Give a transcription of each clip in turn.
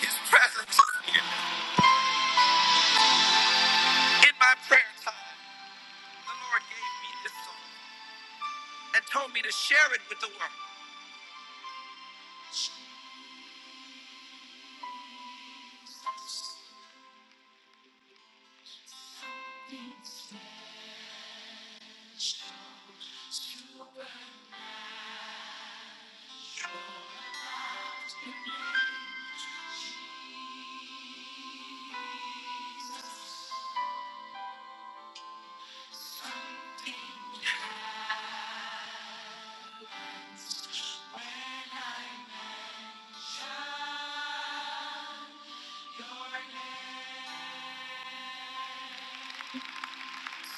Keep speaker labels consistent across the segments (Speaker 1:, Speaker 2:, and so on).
Speaker 1: His presence in my prayer time. The Lord gave me this song and told me to share it with the world.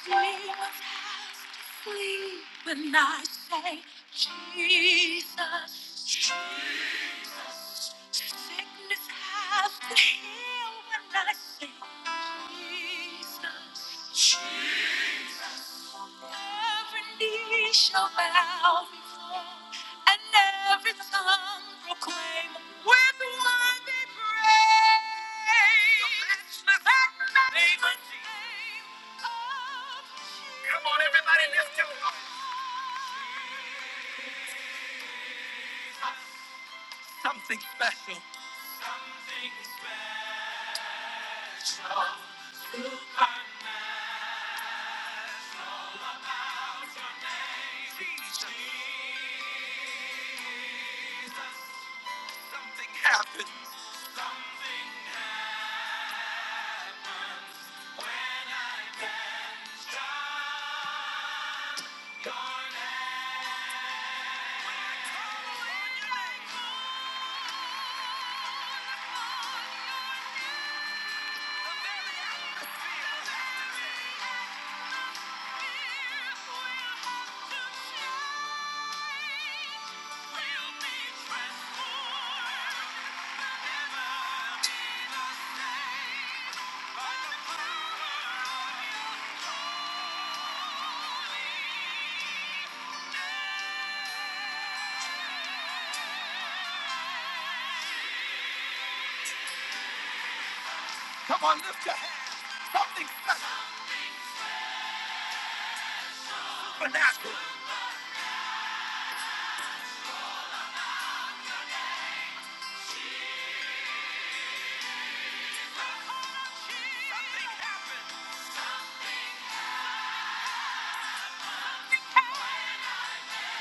Speaker 1: Flame of has to flee when I say Jesus. Sickness has to heal when I say Jesus. Every knee shall bow before, and every tongue proclaim with worthy praise. The matchless name of Jesus. Come on, everybody, lift him up. Something special. Jesus. Something happened. Come on, lift your hand. Something special. Supernatural. Something happened.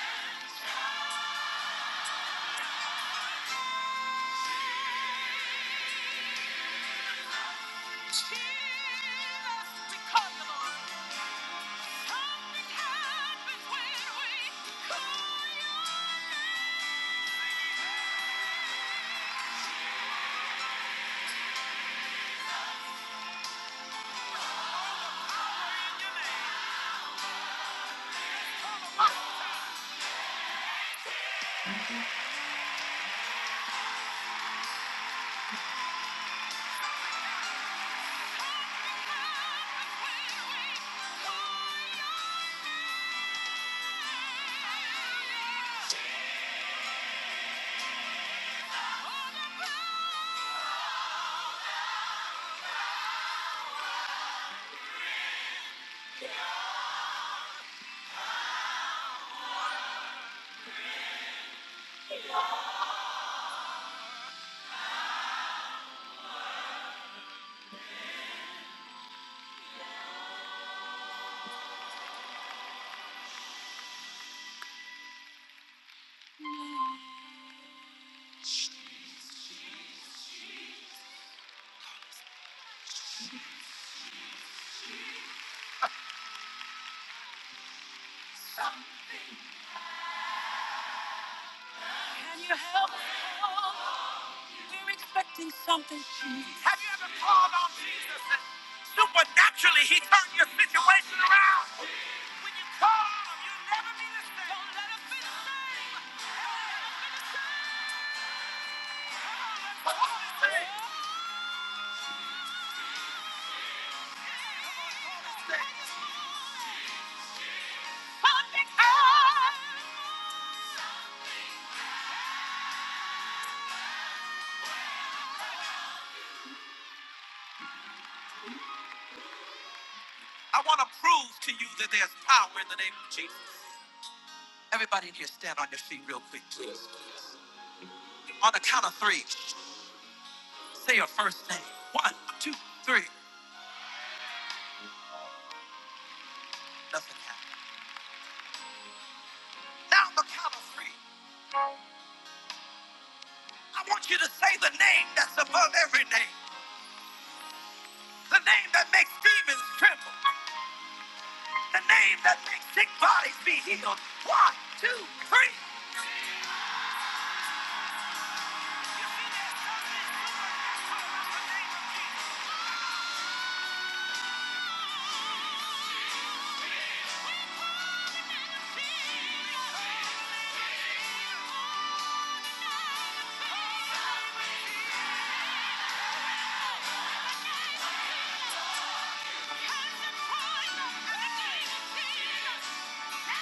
Speaker 1: Something Jesus. Have you ever called on Jesus and supernaturally he turned your situation around? When you call on him, you'll never be the same. Don't let him be the same. Come on, say it. Come on, say it. I want to prove to you that there's power in the name of Jesus. Everybody in here, stand on your feet real quick, please. On the count of three, say your first name. One, two, three. Nothing happened. Now, on the count of three, I want you to say the name that's above every name. The name that makes demons tremble. The name that makes sick bodies be healed. One, two, three. Come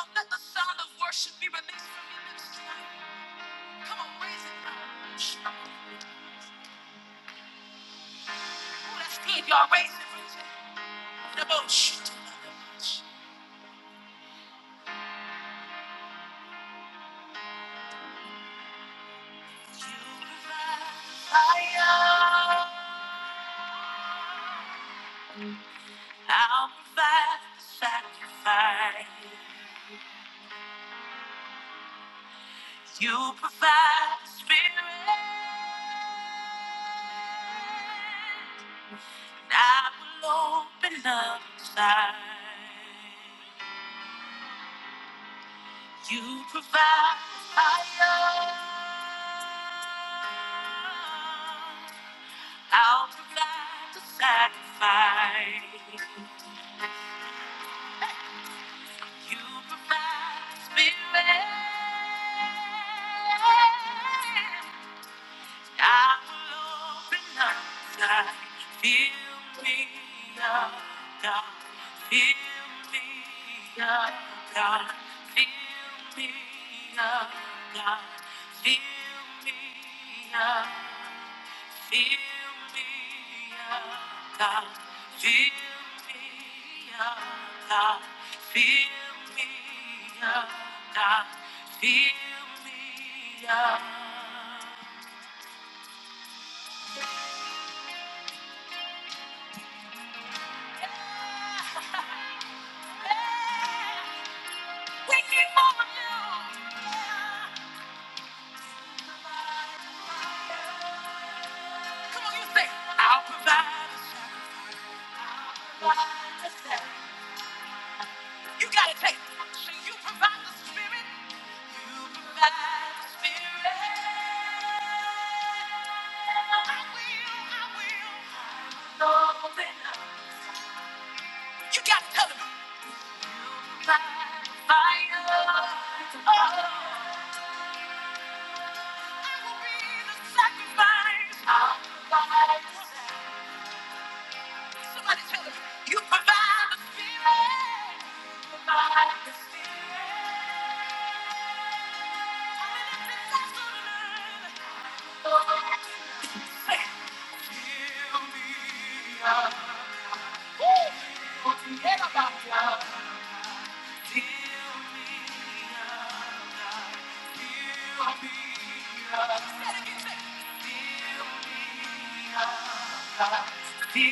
Speaker 1: on, let the sound of worship be released from your lips tonight. Come on, raise it up. Oh, that's good, y'all. Raise it, raise it. The boat. You provide. I'll provide the sacrifice. You provide the spirit. And I will open up inside. You provide the fire. I'll provide the sacrifice. You provide the spirit. I will open up inside. Fill me up, God. Fill me up, God. Fill me up, God. Fill me up. Fill me up, God. Fill me up, God. Fill me up, God. Fill me up. we need more of you. Come on, you say, I'll provide. a sacrifice." You gotta take. it. So you provide the spirit. You provide the spirit. I will, I will. Open up. You gotta tell him. By fire. Oh, I will be the sacrifice. I'll provide. the Somebody tell them, you provide the spirit. Provide the spirit. forget about love. Deal me, deal me,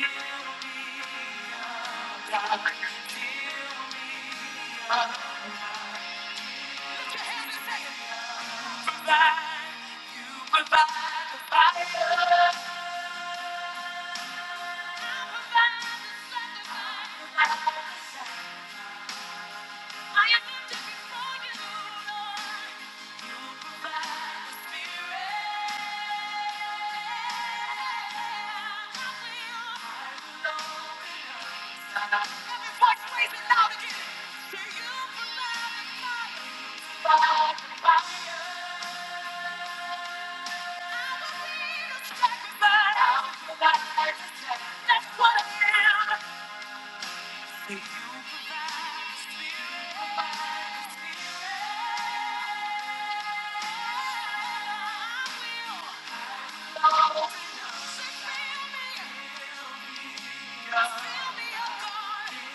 Speaker 1: You provide the spirit. What? Feel me, oh God. Somebody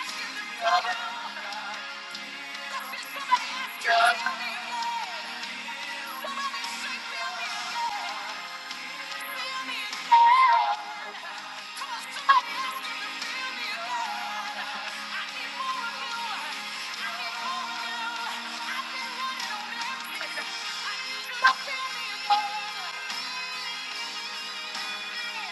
Speaker 1: ask you to feel me. Come on, somebody Yeah.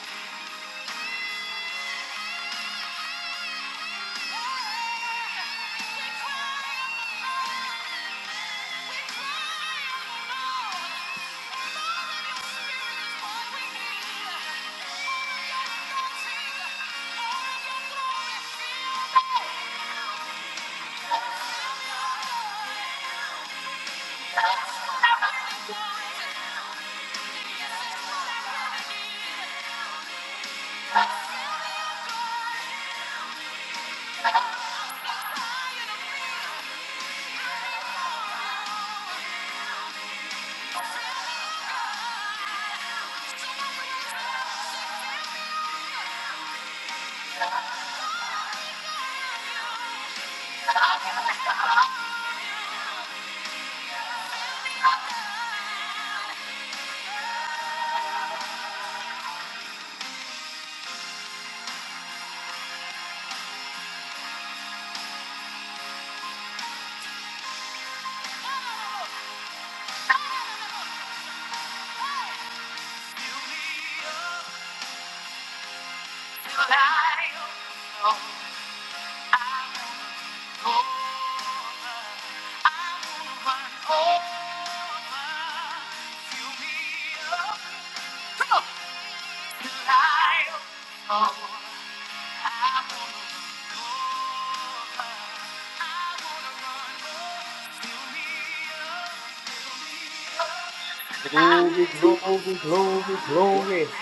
Speaker 2: Glory, glory, glory, glory.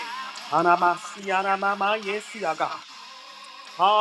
Speaker 2: Anamasi, anamama, yes, yaga.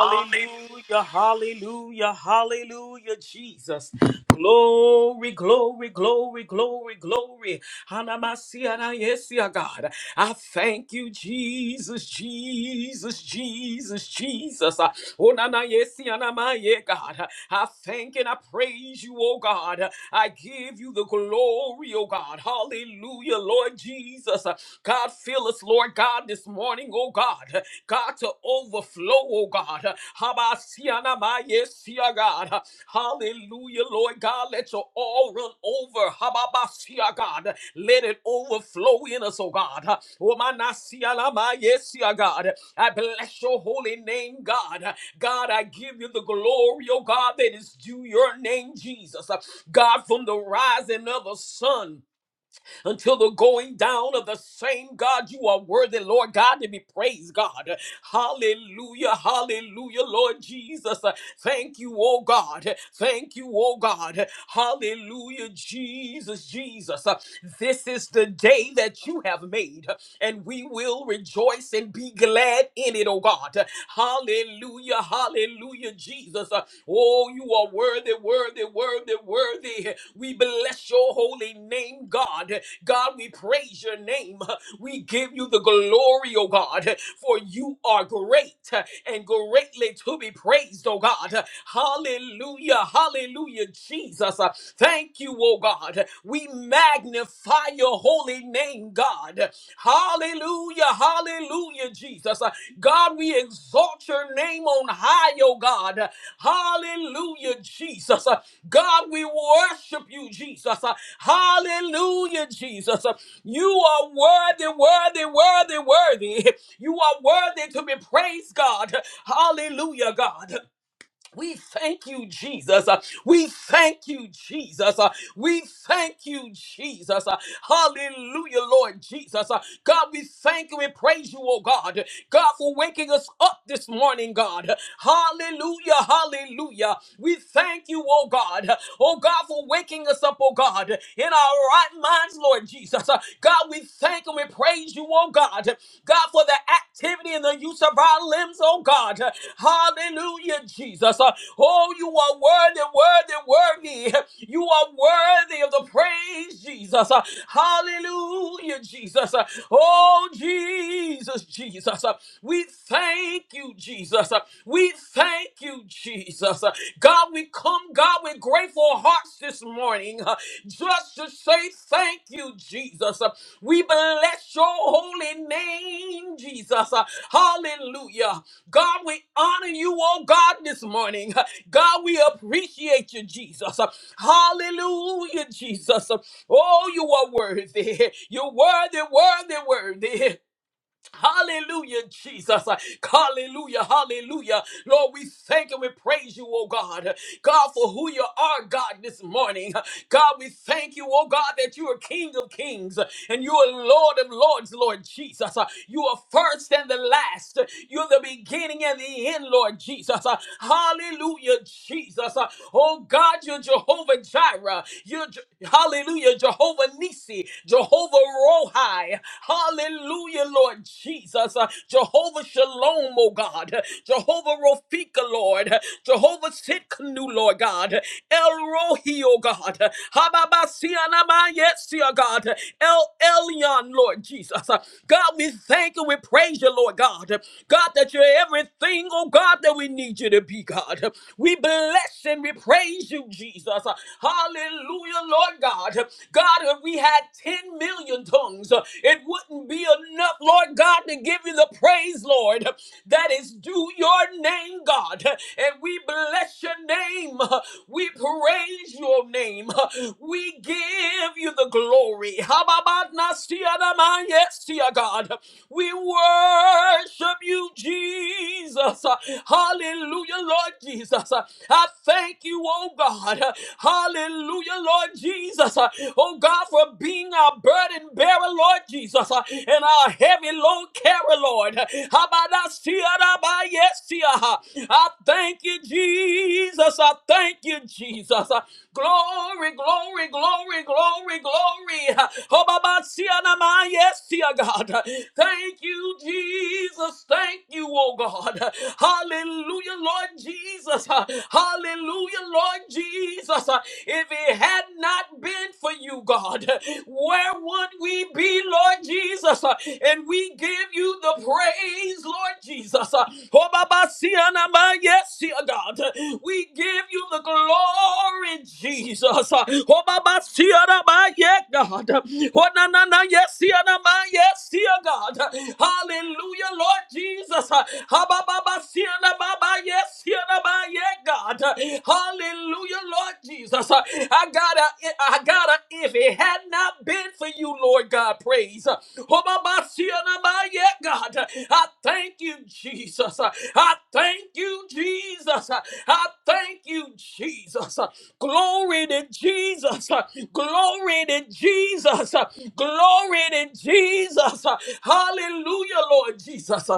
Speaker 1: Hallelujah.
Speaker 2: hallelujah, hallelujah, Jesus. Glory, glory, glory, glory, glory. Anamasi, ana, yes, ya God. I thank you, Jesus, Jesus, Jesus, Jesus. Ah, Onana, yes, anama, yeah, God. I thank and I praise you, oh God. I give you the glory, oh God. Hallelujah. Hallelujah, Lord Jesus. Uh, God, fill us, Lord God, this morning, oh God. God, to overflow, oh God. Habasiana mayesia, God. Hallelujah, Lord God. Let your all run over. Hababasia, God. Let it overflow in us, oh God. Womanasia mayesia, God. I bless your holy name, God. God, I give you the glory, oh God, that is due your name, Jesus. God, from the rising of the sun until the going down of the same God. You are worthy, Lord God, to be praised, God. Hallelujah, hallelujah, Lord Jesus. Thank you, oh God. Thank you, oh God. Hallelujah, Jesus, Jesus. This is the day that you have made, and we will rejoice and be glad in it, oh God. Hallelujah, hallelujah, Jesus. Oh, you are worthy, worthy, worthy, worthy. We bless your holy name, God. God, we praise your name. We give you the glory, oh God, for you are great and greatly to be praised, oh God. Hallelujah, hallelujah, Jesus. Thank you, oh God. We magnify your holy name, God. Hallelujah, hallelujah, Jesus. God, we exalt your name on high, oh God. Hallelujah, Jesus. Uh, God, we worship you, Jesus. Uh, Hallelujah, Jesus. Uh, You are worthy, worthy, worthy, worthy. You are worthy to be praised, God. Hallelujah, God. We thank you, Jesus. Uh, We thank you, Jesus. Uh, We thank you, Jesus. Uh, Hallelujah, Lord Jesus. Uh, God, we thank you and praise you, oh God. God, for waking us up this morning, God. Hallelujah, hallelujah. We thank you, oh God. Oh God, for waking us up, oh God, in our right minds, Lord Jesus. Uh, God, we thank and we praise you, oh God. God, for the activity and the use of our limbs, oh God. Hallelujah, Jesus. Uh, Oh, you are worthy worthy, worthy, worthy. You are worthy of the praise, Jesus. Uh, Hallelujah, Jesus. Uh, Oh, Jesus, Jesus. Uh, We thank you, Jesus. Uh, We thank you, Jesus. Uh, God, we come, God, with grateful hearts this morning uh, just to say thank you, Jesus. Uh, We bless your holy name, Jesus. Uh, Hallelujah. God, we honor you, oh God, this morning. God, we appreciate you, Jesus. Hallelujah, Jesus. Oh, you are worthy. You're worthy, worthy, worthy. Hallelujah, Jesus. Hallelujah, hallelujah. Lord, we thank and we praise you, oh God. God, for who you are, God, this morning. God, we thank you, oh God, that you are King of kings and you are Lord of lords, Lord Jesus. You are first and the last. You're the beginning and the end, Lord Jesus. Hallelujah, Jesus. Oh God, you're Jehovah Jireh. You're Je- hallelujah, Jehovah Nisi. Nisi, Jehovah Rohi. Hallelujah, Lord Jesus. Uh, Jehovah Shalom, oh God. Jehovah Rofika, Lord. Jehovah Sitkanu, Lord God. El Rohi, oh God. Hababasianama, yes, dear God. El Elyon, Lord Jesus. Uh, God, we thank you, we praise you, Lord God. God, that you're everything, oh God, that we need you to be, God. We bless and we praise you, Jesus. Jesus. Hallelujah, Lord God. God, if we had 10 million tongues, uh, it wouldn't be enough, Lord God, to give you the praise, Lord, that is due your name, God. And we bless your name. We praise your name. We give you the glory. Hababanasiadama, Yes, dear God. We worship you, Jesus. Hallelujah, Lord Jesus. I thank you, oh God. Hallelujah, Lord Jesus. Oh God, for being our burden bearer, Lord Jesus, and our heavy load carrier, Lord. Habadasiyadabayesia. I thank you, Jesus. I thank you, Jesus. Glory, glory, glory, glory, glory. Hobabasiyanamayesia, God. Thank Thank you, Jesus. Thank you, oh God. Hallelujah, Lord Jesus. Hallelujah, Lord Jesus. If it had not been for you, God, where would we be, Lord Jesus? And we give you the praise, Lord Jesus. Oh, Baba, see, and I'm, uh, Yes, dear God. We give you the glory, Jesus. Oh, Baba, see, and I'm, uh, yeah, God. Oh, na, na, na, yes, yeah, na, ma, yes, yeah, God. Hallelujah, Lord Jesus. Ha, ba, ba, ba, see, na, ba, ba, yes, yeah, na, yeah, God. Hallelujah, Lord Jesus. I gotta, I gotta, if it had not been for you, Lord God, praise. Oh, ba, ba, see, na, ba, yeah, God. I thank you, Jesus. I thank you, Jesus. I thank you, Jesus. Glory to Jesus. Glory to Jesus. Glory to Jesus. Hallelujah, Lord Jesus.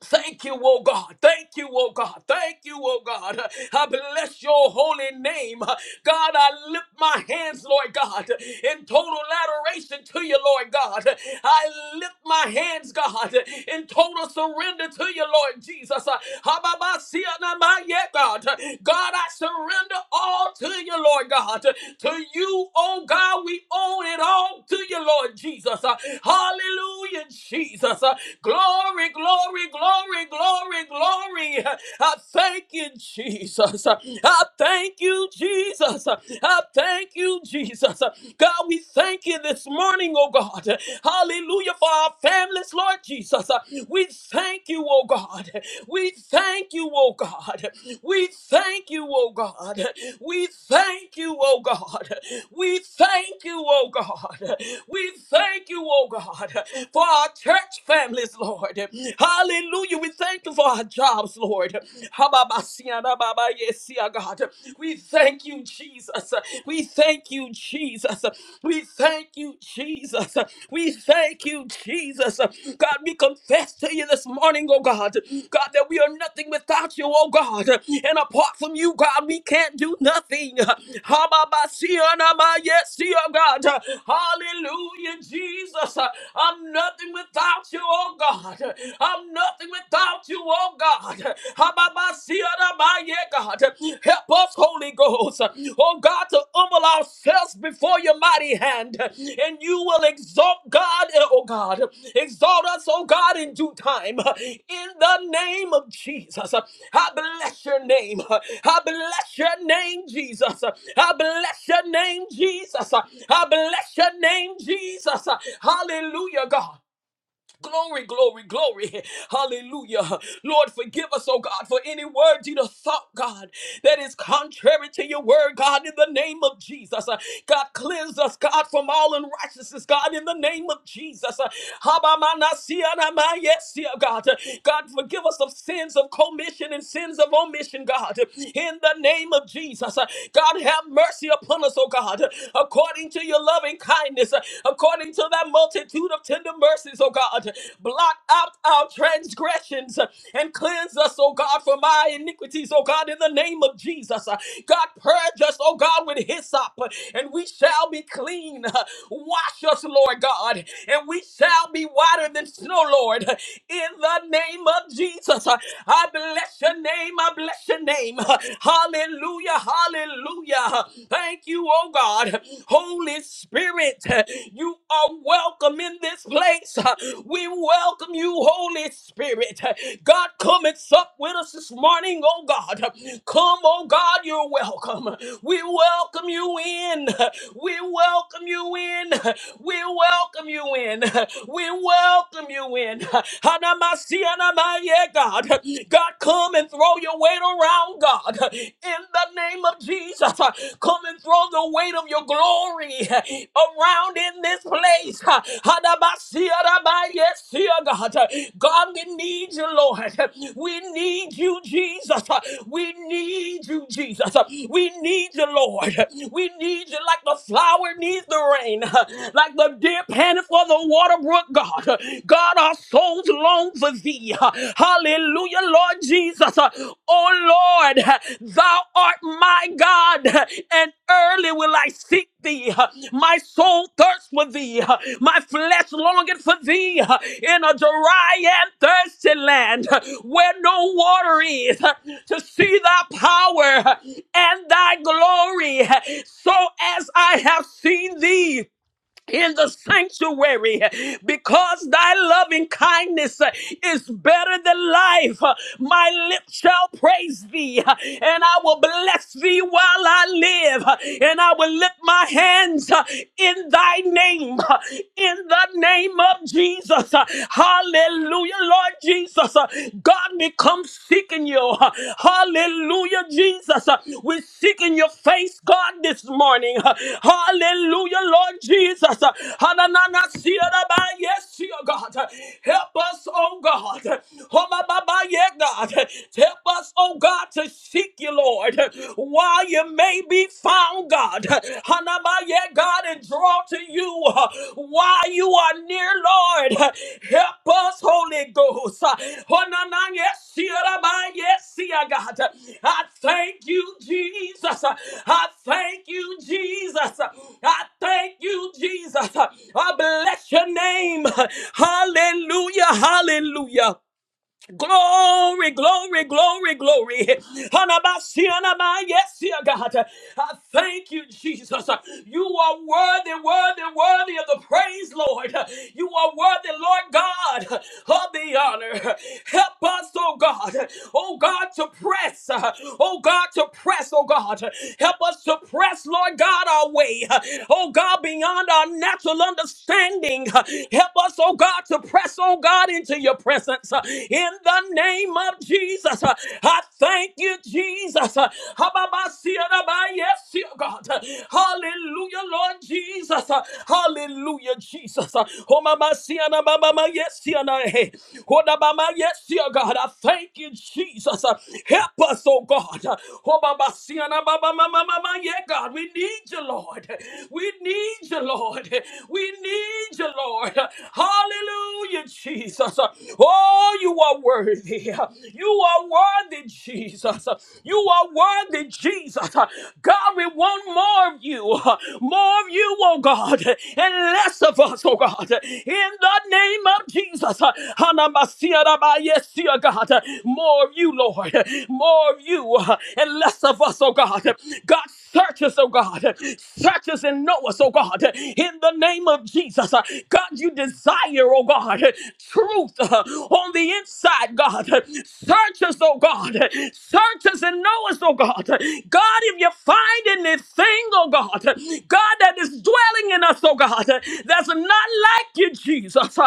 Speaker 2: Thank you, oh God. Thank you, oh God. Thank you, oh God. I bless your holy name. God, I lift my hands, Lord God, in total adoration to you, Lord God. I lift my hands, God, in total surrender to you, Lord Jesus. Hababasianamaya, God, God, I surrender all to you, Lord God. To you, oh God, we own it all to you, Lord Jesus. Hallelujah, Jesus. Glory, glory glory, glory, glory, glory. I thank you, Jesus. I thank you, Jesus. I thank you, Jesus. God, we thank you this morning, oh God. Hallelujah for our families, Lord Jesus. We thank you, oh God. We thank you, oh God. We thank you, oh God. We thank you, oh God. We thank you, oh God. We thank you, oh God, for our church families, yes, Lord. Hallelujah. We thank you for our jobs, Lord. Hababasianababa, yes, yeah, God. We thank you, Jesus. We thank you, Jesus. We thank you, Jesus. We thank you, Jesus. God, we confess to you this morning, oh God. God, that we are nothing without you, oh God. And apart from you, God, we can't do nothing. Hababasianama, Yes, dear God. Hallelujah, Jesus. I'm nothing without without you, oh God. I'm nothing without you, oh God. Hababasiyadamaye, God. Help us, Holy Ghost, oh God, to humble ourselves before your mighty hand. And you will exalt God, oh God. Exalt us, oh God, in due time. In the name of Jesus. I bless your name. I bless your name, Jesus. I bless your name, Jesus. I bless your name, Jesus. Hallelujah, God. Glory, glory, glory. Hallelujah. Lord, forgive us, oh God, for any words you done thought, God, that is contrary to your word, God, in the name of Jesus. Uh, God, cleanse us, God, from all unrighteousness, God, in the name of Jesus. Uh, Habamanasianamanyesia, God, Uh, God, forgive us of sins of commission and sins of omission, God, uh, in the name of Jesus. Uh, God, have mercy upon us, oh God, uh, according to your loving loving kindness, uh, according to thy multitude of tender mercies, O God. Blot out our transgressions uh, and cleanse us, O God, from our iniquities, O God, in the name of Jesus. Uh, God, purge us, O God, with hyssop, uh, and we shall be clean. Uh, Wash us, Lord God, and we shall be whiter than snow, Lord, Uh, in the name of Jesus. uh, I bless your name. I bless your name. Hallelujah. Hallelujah. Hallelujah. Thank you, oh God. Holy Spirit, you are welcome in this place. We welcome you, Holy Spirit. God, come and sup with us this morning, oh God. Come, oh God, you're welcome. We welcome you in. We welcome you in. We welcome you in. We welcome you in. Hanamasianamaye, God. God, Come and throw your weight around, God, in the name of Jesus. Come and throw the weight of your glory around in this place. Yes, dear God. God, we need you, Lord. We need you, Jesus. We need you, Jesus. We need you, Lord. We need you like the flower needs the rain, like the deer panted for the water brook, God. God, God, our souls long for thee. Hallelujah, Lord Jesus. Oh Lord, thou art my God, and early will I seek thee. My soul thirsts for thee. My flesh longeth for thee in a dry and thirsty land where no water is to see thy power and thy glory. So as I have seen thee in the sanctuary because thy loving kindness uh, is better than life. Uh, My lips shall praise thee, uh, and I will bless thee while I live, uh, and I will lift my hands uh, in thy name, uh, in the name of Jesus. Uh, Hallelujah, Lord Jesus. Uh, God, we come I'm seeking you. Hallelujah, Jesus. We're seeking your face, God, this morning. Hallelujah, Lord Jesus. Hananana, siyaraba, Yes, dear God. Help us, oh God. Homababa, yeah, God. Help us, oh God, to seek you, Lord, while you may be found, God yeah, God, and draw to you uh, while you are near, Lord. Help us, Holy Ghost. Uh, oh, na, na, yes, yeah, da, ba, yes, yeah, God. I thank you, Jesus. Uh, I thank you, Jesus. Uh, I thank you, Jesus. Uh, I bless your name. Hallelujah, hallelujah. Glory, glory, glory, glory. Hanabasi, hanama, Yes, dear God. I thank you, Jesus. You are worthy, worthy, worthy of the praise, Lord. You are worthy, Lord God, of the honor. Help us, oh God. Oh God, to press. Oh God, to press, oh God. Help us to press, Lord God, our way. Oh God, beyond our natural understanding. Help us, oh God, to press, oh God, into your presence in the name of Jesus. Uh, I thank you, Jesus. Uh, Yes, dear God. Uh, Hallelujah, Lord Jesus. Uh, Hallelujah, Jesus. Uh, Homamasiana babama, Yes, dear God. Hey. Hodabama, Yes, dear God. I thank you, Jesus. Uh, Help us, oh God. Uh, Homamasiana babama, mamama, Yeah, God. We need you, Lord. We need you, Lord. We need you, Lord. Hallelujah, Jesus. Oh, you are worthy worthy. You are worthy, Jesus. You are worthy, Jesus. God, we want more of you. More of you, oh God, and less of us, oh God. In the name of Jesus. Yes, dear God. More of you, Lord. More of you and less of us, oh God. God, Search us, oh God. Search us and know us, oh God. In the name of Jesus. God, you desire, oh God, truth uh, on the inside, God. Search us, oh God. Search us and know us, oh God. God, if you find anything, oh God, God, that is dwelling in us, oh God, that's not like you, Jesus.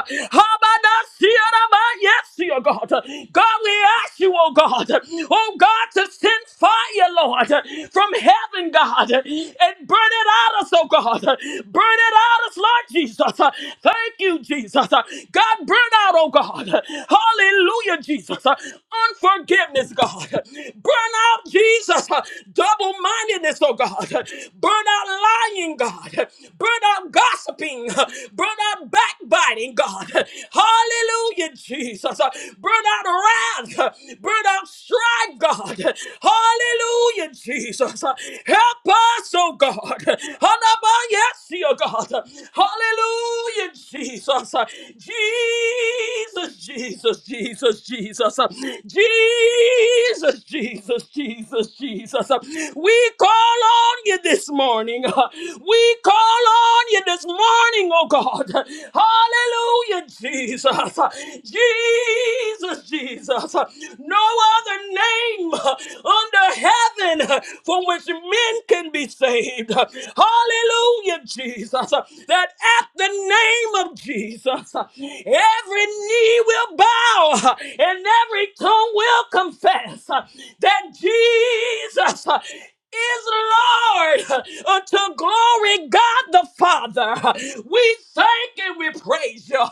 Speaker 2: Yes, dear God. God, we ask you, oh God. Oh God, to send fire, Lord, from heaven, God, and burn it out us, oh God. Burn it out us, Lord Jesus. Thank you, Jesus. God, burn out, oh God. Hallelujah, Jesus. Unforgiveness, God. Burn out, Jesus. Double mindedness, oh God. Burn out lying, God. Burn out gossiping. Burn out backbiting, God. Hallelujah, Jesus. Uh, Burn out wrath. Uh, Burn out strife, God. Uh, Hallelujah, Jesus. Uh, Help us, oh God. Uh, Hanabayasi, oh God. Uh, Hallelujah, Jesus. Uh, Jesus, Jesus, Jesus, Jesus. Uh, Jesus, Jesus, Jesus, Jesus. Uh, We call on you this morning. Uh, We call on on you this morning, oh God. Hallelujah, Jesus. Jesus, Jesus. No other name under heaven from which men can be saved. Hallelujah, Jesus. That at the name of Jesus, every knee will bow and every tongue will confess that Jesus is Lord unto glory God the Father. We thank and we praise you.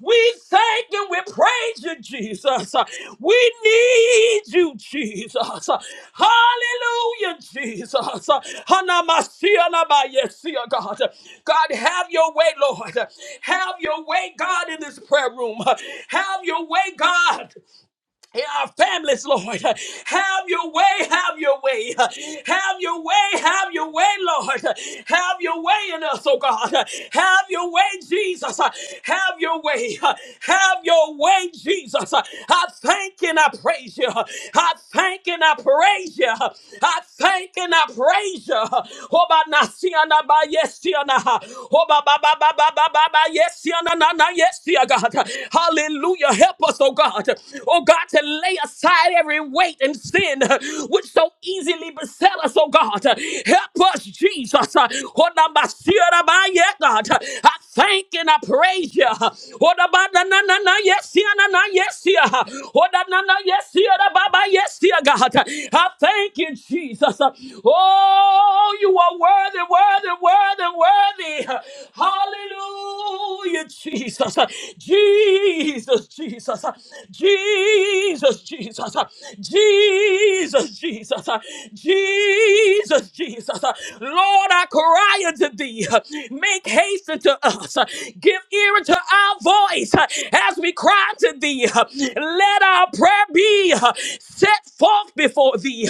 Speaker 2: We thank and we praise you, Jesus. We need you, Jesus. Hallelujah, Jesus. Hanamasia nabayesia, God. God, have your way, Lord. Have your way, God, in this prayer room. Have your way, God in our families, Lord. Have your way, have your way, have your way, have your way, Lord. Have your way in us, oh God. Have your way, Jesus. Have your way, have your way, Jesus. I thank and I praise you. I thank and I praise you. I thank and I praise you. Oba nasiana ba yesiana. Oba ba ba ba ba ba ba ba yesiana na na Hallelujah, God. Hallelujah. Help us, oh God. Oh God, to lay aside every weight and sin uh, which so easily beset us, oh God. Help us, Jesus. Uh, Oh, na ba siya na ba ye, God. I thank and I praise you. Oh, na ba na na na na, Yes, yeah, na na, yes, yeah. Oh, na na na, yes, yeah, na ba ba, yes, yeah, God. I thank you, Jesus. Oh, you are worthy, worthy, worthy, worthy me. Hallelujah, Jesus. Jesus, Jesus. Jesus, Jesus. Jesus, Jesus. Jesus, Jesus. Lord, I cry unto thee. Make haste unto us. Give ear unto our voice as we cry to thee. Let our prayer be set forth before thee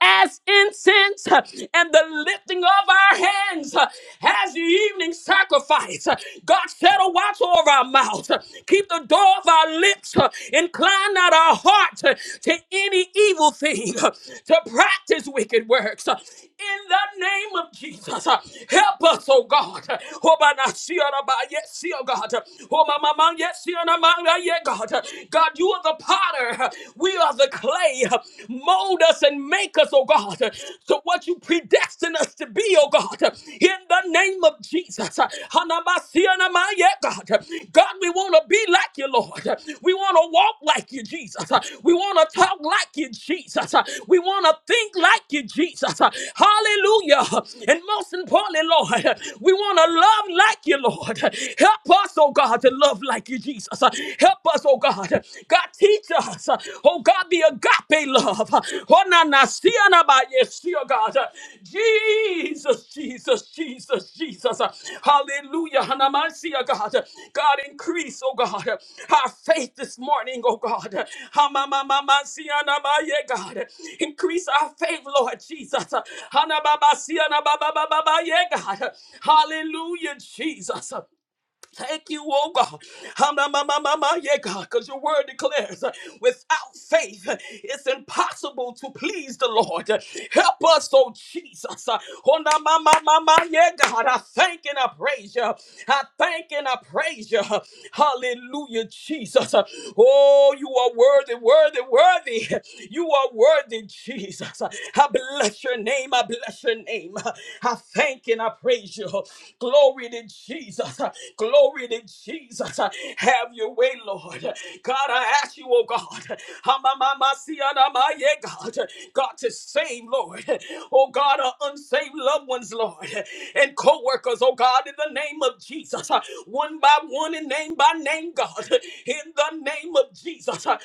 Speaker 2: as incense and the lifting of our hands uh, as the evening sacrifice. Uh, God, set a watch over our mouth. Uh, Keep the door of our lips. uh, Incline not our heart uh, to any evil thing, uh, to practice wicked works. Uh, In the name of Jesus, uh, help us, oh God. Uh, oh, by not see on about- Yes, see, oh God. Uh, oh, my, my, my, yes, see on about- yeah, God. Uh, God, you are the potter. Uh, We are the clay today. Mold us and make us, oh God, to what you predestined us to be, oh God, in the name of Jesus. Hanamasianamaya, God, God, we want to be like you, Lord. We want to walk like you, Jesus. We want to talk like you, Jesus. We want to think like you, Jesus. Hallelujah. And most importantly, Lord, we want to love like you, Lord. Help us, oh God, to love like you, Jesus. Help us us, oh God. God, teach us, oh God, the agape love. Oh, na, na, si, ana, ba, yes, si, oh God. Jesus, Jesus, Jesus, Jesus. Hallelujah. Hanamasia, God. God, increase, oh God, our faith this morning, oh God. Hamamamasia, namaye, God. Increase our faith, Lord Jesus. Hanababasia, nababababaye, God. Hallelujah, Jesus. Thank you, oh God. Ha-ma-ma-ma-ma-ma, Yeah, God, because your word declares uh, without faith uh, it's impossible to please the Lord. Uh, Help us, oh Jesus. Uh, ho-na-ma-ma-ma-ma, Yeah, God, I thank and I praise you. I thank and I praise you. Hallelujah, Jesus. Uh, Oh, you are worthy, worthy, worthy. You are worthy, Jesus. Uh, I bless your name. I bless your name. I thank and I praise you. Glory to Jesus. Glory to Jesus. Have your way, Lord. God, I ask you, oh God, Hamamamasianamaye, God, God, to save, Lord. Oh God, our unsaved loved ones, Lord, and co workers, oh God, in the name of Jesus, one by one and name by name, God, in the name of Jesus, God,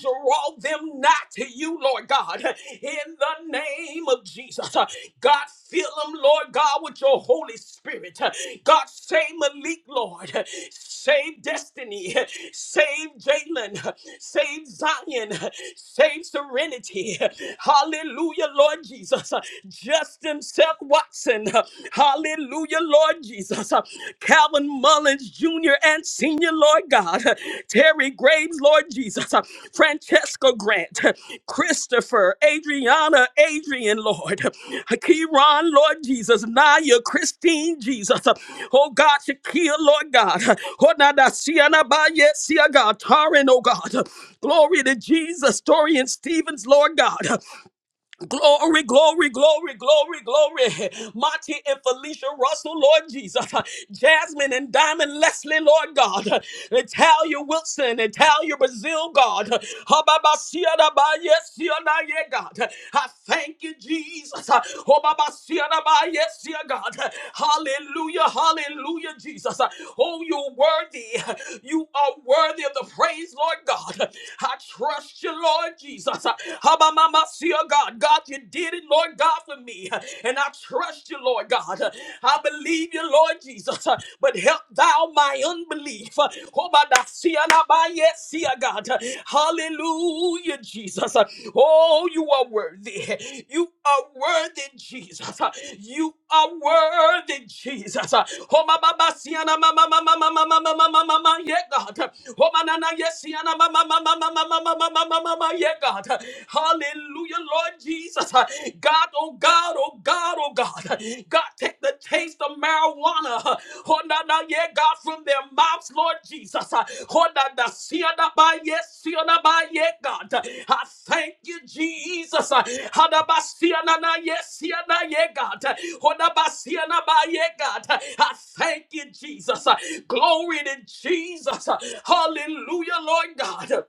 Speaker 2: draw them not to you, Lord God, in the name of Jesus. God, fill them, Lord God, with your Holy Spirit. God, save Malik, Lord. Save Destiny. Save Jalen. Save Zion. Save Serenity. Hallelujah, Lord Jesus. Justin Seth Watson. Hallelujah, Lord Jesus. Calvin Mullins Jr. and Sr., Lord God, Terry Graves, Lord Jesus, uh, Francesca Grant, Christopher, Adriana, Adrian, Lord, Kieran, Lord Jesus, Naya, Christine, Jesus, uh, oh God, Shakia, Lord God, Honada, Siana, Bayesia, God, Tarin, oh God, glory to Jesus, Dorian Stevens, Lord God, Glory, glory, glory, glory, glory. Monty and Felicia Russell, Lord Jesus. Jasmine and Diamond Leslie, Lord God. Italia Wilson, Italia Brazil, God. Hababasiadabaya, Sionaya, God. I thank you, Jesus. Hobabasiadabaya, Sia, God. Hallelujah, hallelujah, Jesus. Oh, you're worthy. You are worthy of the praise, Lord God. I trust you, Lord Jesus. Habamamasia, God. God, you did it, Lord God, for me. And I trust you, Lord God. I believe you, Lord Jesus. But help thou my unbelief. Hobadasia, nabayesia, God. Hallelujah, Jesus. Oh, you are worthy. You are worthy, Jesus. You are worthy, Jesus. Oh, ma, ma, ma, siana, ma, ma, ma, ma, ma, ma, ma, ma, ma, ma, ma, ma, yeah, God. Oh, ma, na, na, yes, siana, ma, ma, ma, ma, ma, ma, ma, ma, ma, ma, ma, ma, ma, yeah, God. Hallelujah, Lord Jesus. God, oh God, oh God, oh God. God, take the taste of marijuana marijuana, oh, na, na, yeah, God, from their mouths, Lord Jesus. Oh, na, na, see, oh, na, ba, yes, see, oh, na, ba, yeah, God. I thank you, Jesus. Oh, na, ba, see, oh, na, na, yes, see, oh, na, yeah, God. Oh, na, ba, see, oh, na, ba, yeah, God. I thank you, Jesus. Glory to Jesus. Hallelujah, Lord God.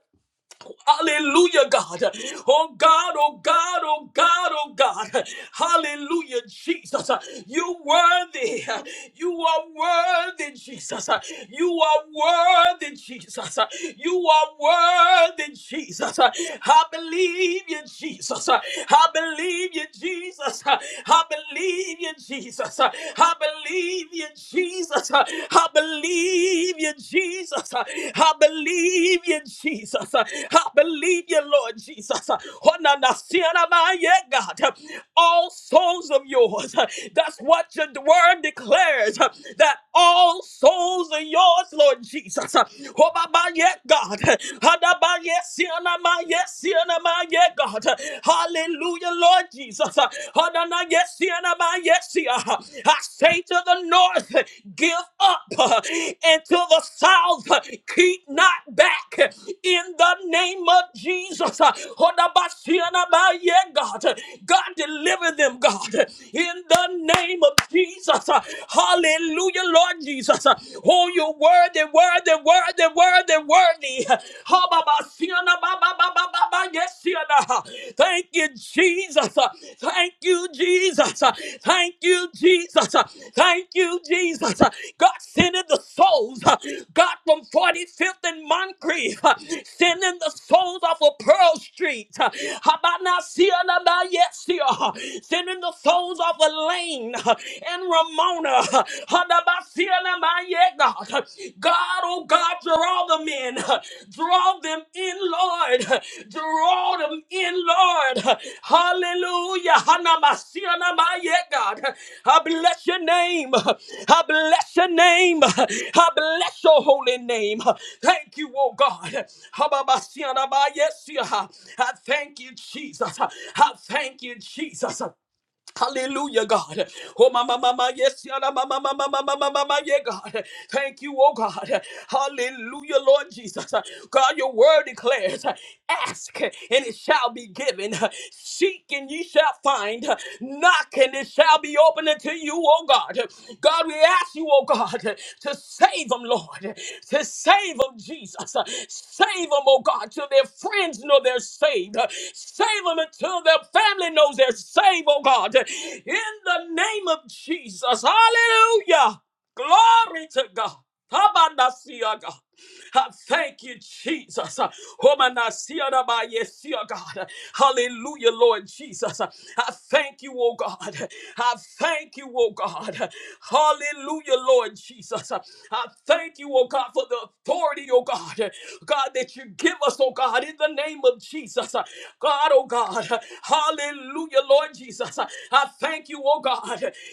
Speaker 2: Hallelujah, God. Oh God, oh God, oh God, oh God. Hallelujah, Jesus. You worthy. You are worthy, Jesus. You are worthy, Jesus. You are worthy, Jesus. I believe you, Jesus. I believe you, Jesus. I believe you, Jesus. I believe you, Jesus. I I believe you, Jesus. I believe you, Jesus. I believe you, Lord Jesus. Oh, na, na, si, na, ma, yeah, God. All souls of yours. That's what your word declares. That all souls are yours, Lord Jesus. Oh, ba, ba, yeah, God. Ha, da, ba, yeah, si, na, ma, yeah, si, na, ma, yeah, God. Hallelujah, Lord Jesus yes, yes. I say to the north, give up, and to the south, keep not back. In the name of Jesus, God, God deliver them, God. In the name of Jesus, Hallelujah, Lord Jesus. Oh, you worthy, worthy, worthy, worthy, worthy. Yes, Yana. Thank you, Jesus. Thank you, Jesus. Thank you, Jesus. Thank you, Jesus. God sending the souls. God from 45th and Moncrief. Sending the souls off of Pearl Street. Habana Siana Yes, Sending the souls off of Lane and Ramona my yet, God. God, oh God, draw them in. Draw them in, Lord. Draw them in, Lord. Hallelujah. Hanamasia na my yet, God. I bless your name. I bless your name. I bless your holy name. Thank you, oh God. Hababasia na my yet, see ya. I thank you, Jesus. I thank you, Jesus. Hallelujah, God. Oh, my, my, my, my, yes, yeah, my, my, my, my, my, my, my, my, my, yeah, God. Thank you, oh God. Hallelujah, Lord Jesus. God, your word declares, ask and it shall be given, seek and ye shall find, knock and it shall be opened unto you you, oh God. God, we ask you, oh God, to save them, Lord. To save them, Jesus. Save them, oh God, till their friends know they're saved. Save them until their family knows they're saved, oh God. In the name of Jesus. Hallelujah. Glory to God. Habanasia, God. I Thank you, Jesus. Uh, Homanasia da ba yesia, God. Hallelujah, Lord Jesus. Uh, I thank you, oh God. I thank you, oh God. Hallelujah, Lord Jesus. Uh, I thank you, oh God, for the authority, oh God. God, that you give us, oh God, in the name of Jesus. Uh, God, oh God. Hallelujah, Lord Jesus. Jesus. I thank you, oh God,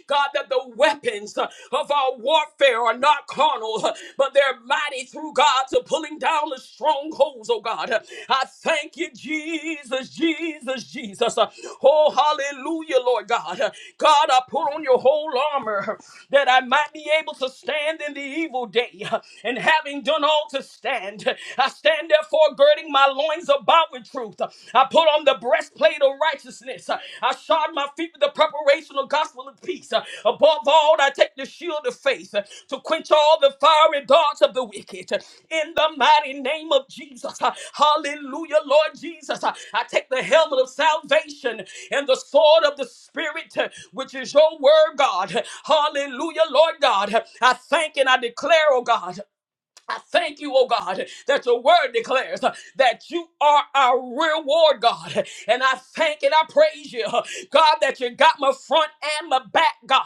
Speaker 2: God, that the weapons of our warfare are not carnal, but they're mighty through God to pulling down the strongholds, oh God. I thank you, Jesus, Jesus, Jesus. Oh, hallelujah, Lord God. God, I put on your whole armor that I might be able to stand in the evil day. And having done all to stand, I stand therefore girding my loins about with truth. I put on the breastplate of righteousness. I shod my feet with the preparation of gospel of peace. Above all, I take the shield of faith to quench all the fiery darts of the wicked. In the mighty name of Jesus. Hallelujah, Lord Jesus. I take the helmet of salvation and the sword of the Spirit, which is your word, God. Hallelujah, Lord God. I thank and I declare, oh God. I thank you, oh God, that your word declares uh, that you are our reward, God. And I thank and I praise you, uh, God, that you got my front and my back, God.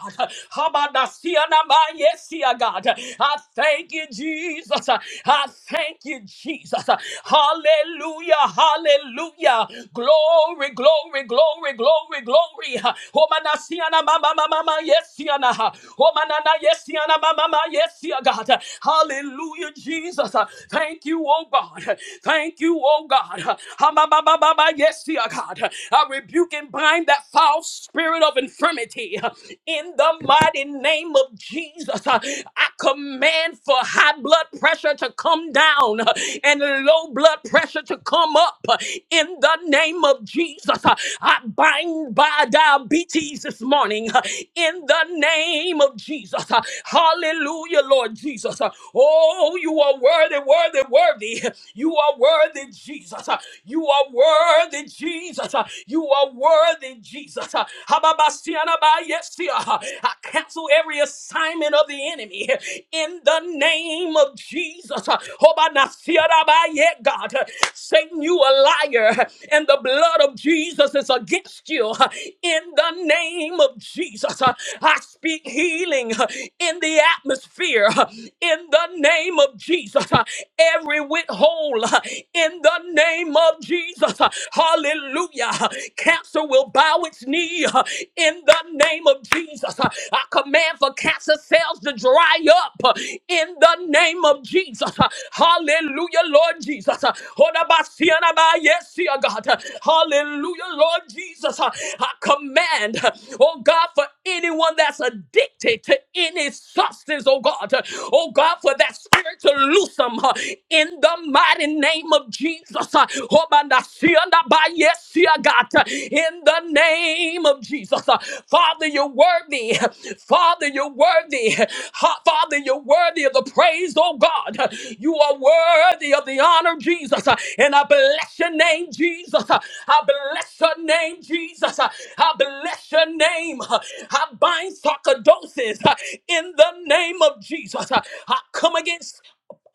Speaker 2: Habadasianabayesia, God. I thank you, Jesus. I thank you, Jesus. Hallelujah, hallelujah. Glory, glory, glory, glory, glory. Homanasiana mama mama mama yesiana. Homanana yesiana mama yes, dear God. Hallelujah, Jesus. Thank you, oh God. Thank you, oh God. Ha, ba, ba, ba, ba, ba, Yes, dear God. I rebuke and bind that foul spirit of infirmity in the mighty name of Jesus. I command for high blood pressure to come down and low blood pressure to come up in the name of Jesus. I bind by diabetes this morning in the name of Jesus. Uh, Hallelujah, Lord Jesus. Uh, Oh, you are worthy, worthy, worthy. You are worthy, Jesus. Uh, You are worthy, Jesus. Uh, You are worthy, Jesus. Uh, Hababasianabayesia. Uh, I cancel every assignment of the enemy uh, in the name of Jesus. Uh, Hobanasiarabaye, God, Uh, Satan, you a liar, and the blood of Jesus is against you uh, in the name of Jesus. Uh, I speak healing uh, in the atmosphere uh, in the name of Jesus. Uh, Every withhold uh, in the name of Jesus. Uh, Hallelujah. Uh, Cancer will bow its knee uh, in the name of Jesus. Uh, I command for cancer cells to dry up uh, in the name of Jesus. Uh, Hallelujah, Lord Jesus. Uh, Hodabasianabayesiagat. Uh, Hallelujah, Lord Jesus. Uh, I command, oh God, for anyone that's addicted to any substance, oh God, oh God, for that spirit to loose them uh, in the mighty name of Jesus. uh, oh, man, I see and I buy, yes, see, I got, uh, In the name of Jesus. uh, Father, you're worthy. Father, you're worthy. Ha- Father, you're worthy of the praise, oh God. huh. You are worthy of the honor, Jesus. uh, And I bless your name, Jesus. uh, I I bless your name, Jesus. I bless your name. I bind sarcoidosis in the name of Jesus. I come against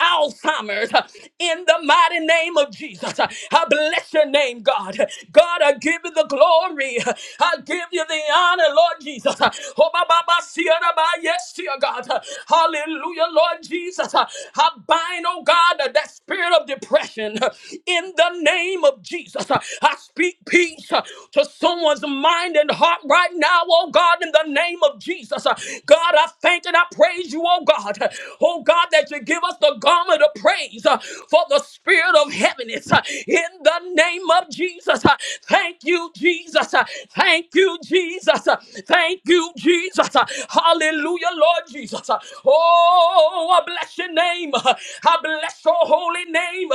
Speaker 2: Alzheimer's uh, in the mighty name of Jesus. Uh, I bless your name, God. God, I give you the glory. I give you the honor, Lord Jesus. Uh, Oh, ba, ba, ba, see, uh, ba, yes, dear God. Uh, Hallelujah, Lord Jesus. Uh, I bind, oh God, uh, that spirit of depression uh, in the the name of Jesus. uh, I speak peace uh, to someone's mind and heart right now, oh God, in the name of Jesus. Uh, God, I thank and I praise you, oh God. uh, Oh God, that you give us the garment of praise uh, for the spirit of heaviness uh, in the name of Jesus. Uh, Thank you, Jesus. Uh, Thank you, Jesus. Uh, Thank you, Jesus. Uh, Hallelujah, Lord Jesus. Uh, Oh, I bless your name. Uh, I bless your holy name name.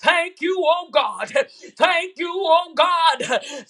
Speaker 2: Thank you, oh God. Thank you, oh God.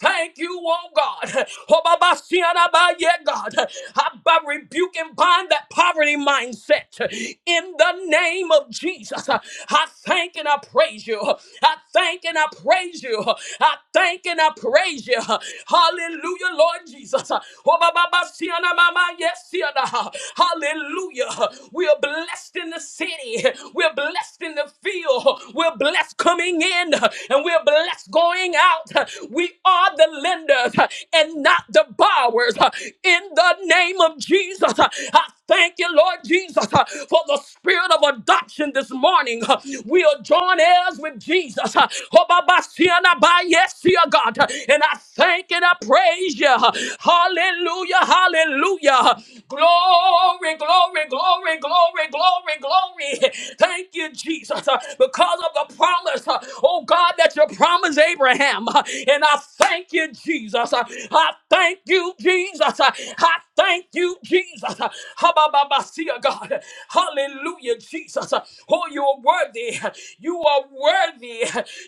Speaker 2: Thank you, oh God. Oh, Baba, see, and Abba, yeah, God. I rebuke and bind that poverty mindset in the name of Jesus. I thank and I praise you. I thank and I praise you. I thank and I praise you. Hallelujah, Lord Jesus. Oh, Baba, Baba, see, and Abba, Yes, see, and Abba. Hallelujah. We are blessed in the city. We're blessed in the field. We're blessed coming in and we're blessed going out. We are the lenders and not the borrowers. In the name of Jesus, I thank you, Lord Jesus, for the spirit of adoption this morning. We are joint heirs with Jesus. Oh, Baba, see and I buy, Yes, dear God. And I thank and I praise you. Hallelujah, hallelujah. Glory, glory, glory Glory, glory, glory, glory. Thank you, Jesus, uh, because of the promise, uh, oh God, that you promised Abraham. Uh, And I thank you, Jesus. Uh, I thank you, Jesus. Uh, I thank you, Jesus. Uh, Habababasia, God. Hallelujah, Jesus. Uh, Oh, you are worthy. You are worthy.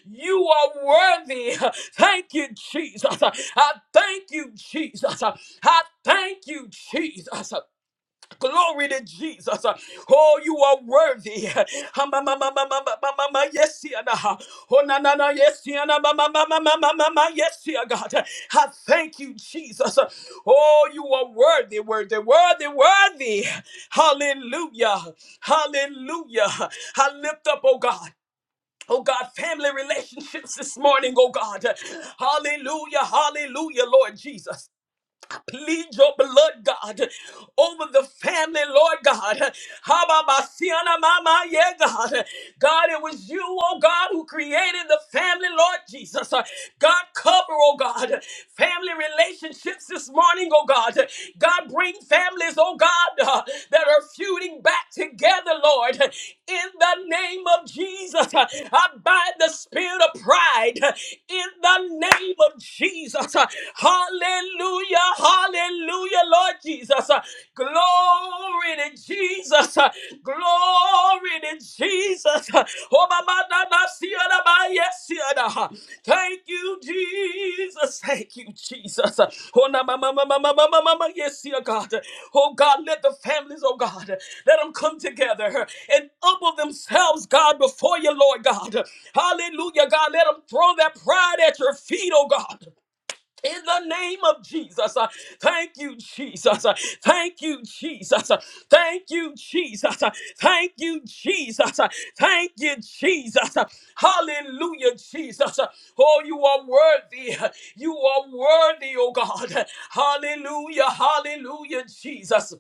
Speaker 2: You are worthy. Thank you, Jesus. uh, I thank you, Jesus. uh, I thank you, Jesus. uh, Glory to Jesus. Oh, you are worthy. Ah, ma, ma, ma, ma, ma, ma, ma, ma, ma, Yes, yeah, nah. Oh, na, na, na, yes, yeah, nah, ma, ma, ma, ma, ma, ma, ma, ma, yes, yeah, God. I thank you, Jesus. Oh, you are worthy, worthy, worthy, worthy. Hallelujah. Hallelujah. I lift up, oh God. Oh God, family relationships this morning, oh God. Hallelujah, hallelujah, Lord Jesus plead your blood, God, over the family, Lord God. Hababasiana mama, yeah, God. God, it was you, oh God, who created the family, Lord Jesus. God, cover, oh God, family relationships this morning, oh God. God, bring families, oh God, uh, that are feuding back together, Lord. In the name of Jesus, uh, I bind the spirit of pride. In the name of Jesus, uh, Hallelujah. Hallelujah, Lord Jesus. Uh, Glory to Jesus. Uh, Glory to Jesus. Uh, Oh, my, my, my, my, see, uh, my, yes, see, uh, uh, Thank you, Jesus. Thank you, Jesus. Uh, Oh, na, ma, ma, ma, ma, ma, ma, ma, ma, ma, yes, see, uh, God. Uh, Oh, God, let the families, oh, God, uh, let them come together uh, and humble themselves, God, before you, Lord God. Uh, Hallelujah, God. Let them throw their pride at your feet, oh God in the name of Jesus. Uh, Thank you, Jesus. Uh, Thank you, Jesus. Uh, Thank you, Jesus. Uh, Thank you, Jesus. Uh, Thank you, Jesus. Uh, Hallelujah, Jesus. Uh, Oh, you are worthy. uh, You are worthy, oh God. Hallelujah, hallelujah, Jesus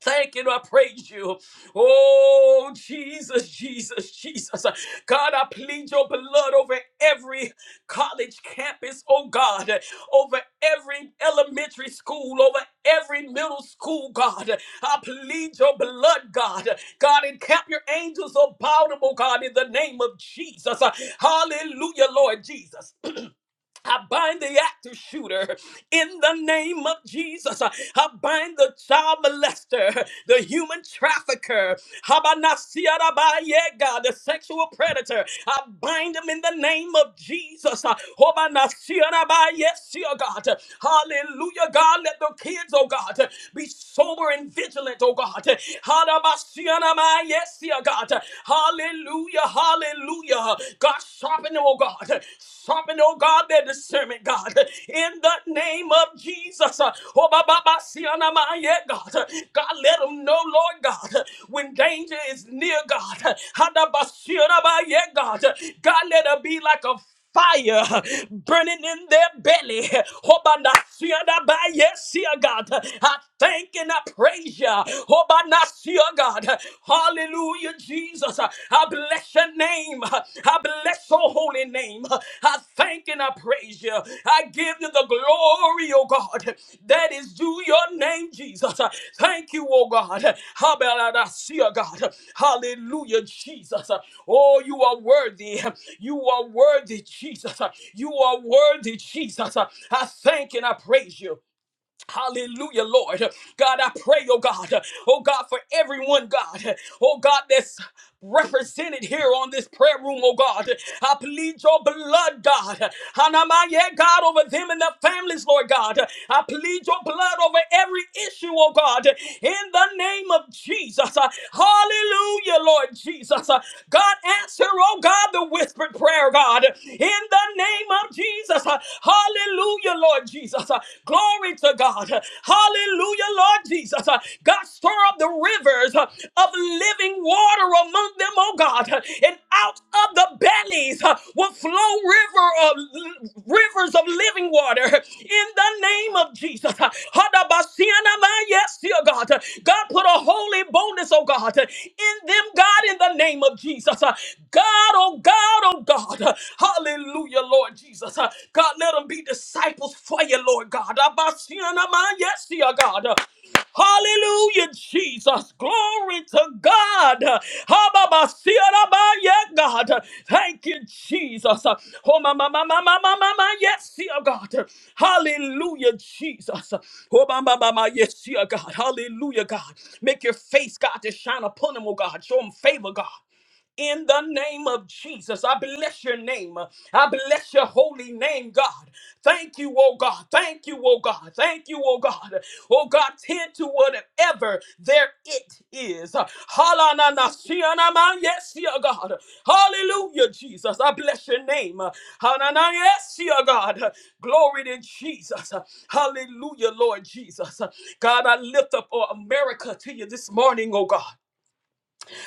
Speaker 2: thank and I praise you. Oh, Jesus, Jesus, Jesus. God, I plead your blood over every college campus, oh God, over every elementary school, over every middle school, God. I plead your blood, God. God, encamp your angels about them, oh God, in the name of Jesus. Hallelujah, Lord Jesus. I bind the active shooter in the name of Jesus. I bind the child molester, the human trafficker, Habanasiarabaye, God, the sexual predator. I bind him in the name of Jesus. Hobanasiarabaye, Seer God. Hallelujah, God. Let the kids, oh God, be sober and vigilant, oh God. Hadabasiarabaye, Seer God. Hallelujah, hallelujah. God, sharpen them, oh God. Sharpen, oh God, their discernment, God. In the name of Jesus. Oh, ba, ba, ba, si, ana, ma, yeah, God. God, let them know, Lord God, when danger is near, God. Hada, ba, si, ana, ma, yeah, God. God, let it be like a fire burning in their belly. Hobanasiada by yes, dear God. I thank and I praise you. Hobanasia God. Hallelujah, Jesus. I bless your name. I bless your holy name. I thank and I praise you. I give you the glory, oh God, that is due your name, Jesus. Thank you, oh God. Habalasia, God. Hallelujah, Jesus. Oh, you are worthy. You are worthy, Jesus. You are worthy, Jesus. I thank and I praise you. Hallelujah, Lord. God, I pray, oh God, oh God, for everyone, God, oh God, that's represented here on this prayer room, oh God. I plead your blood, God. Hanamaya, God, over them and their families, Lord God. I plead your blood over every issue, oh God, in the name of Jesus. Hallelujah, Lord Jesus. God, answer, oh God, the whispered prayer, God, in the name of Jesus. Hallelujah, Lord Jesus. Uh, Glory to God. Uh, Hallelujah, Lord Jesus. Uh, God, stir up the rivers uh, of living water among them, oh God. Uh, And out of the bellies uh, will flow river of, rivers of living water in the name of Jesus. Uh, Hadabasianama, Yes, dear God. Uh, God, put a holy bonus, oh God, uh, in them, God, in the name of Jesus. Uh, God, oh God, oh God. God. Hallelujah, Lord Jesus. God, let them be disciples for you, Lord God. Abashianaman, Yes, dear God. Hallelujah, Jesus. Glory to God. Hababasianaman, Yeah, God. Thank you, Jesus. Oh, my, my, my, my, my, my, my, my, yes, dear God. Hallelujah, Jesus. Oh, my, my, my, my, yes, dear God. Hallelujah, God. Make your face, God, to shine upon them, oh God. Show them favor, God in the name of Jesus. I bless your name. I bless your holy name, God. Thank you, oh God. Thank you, oh God. Thank you, oh God. Oh God, tend to whatever there it is. Halananasianaman. Yes, dear God. Hallelujah, Jesus. I bless your name. Hanana. Yes, dear God. Glory to Jesus. Hallelujah, Lord Jesus. God, I lift up uh, America to you this morning, oh God.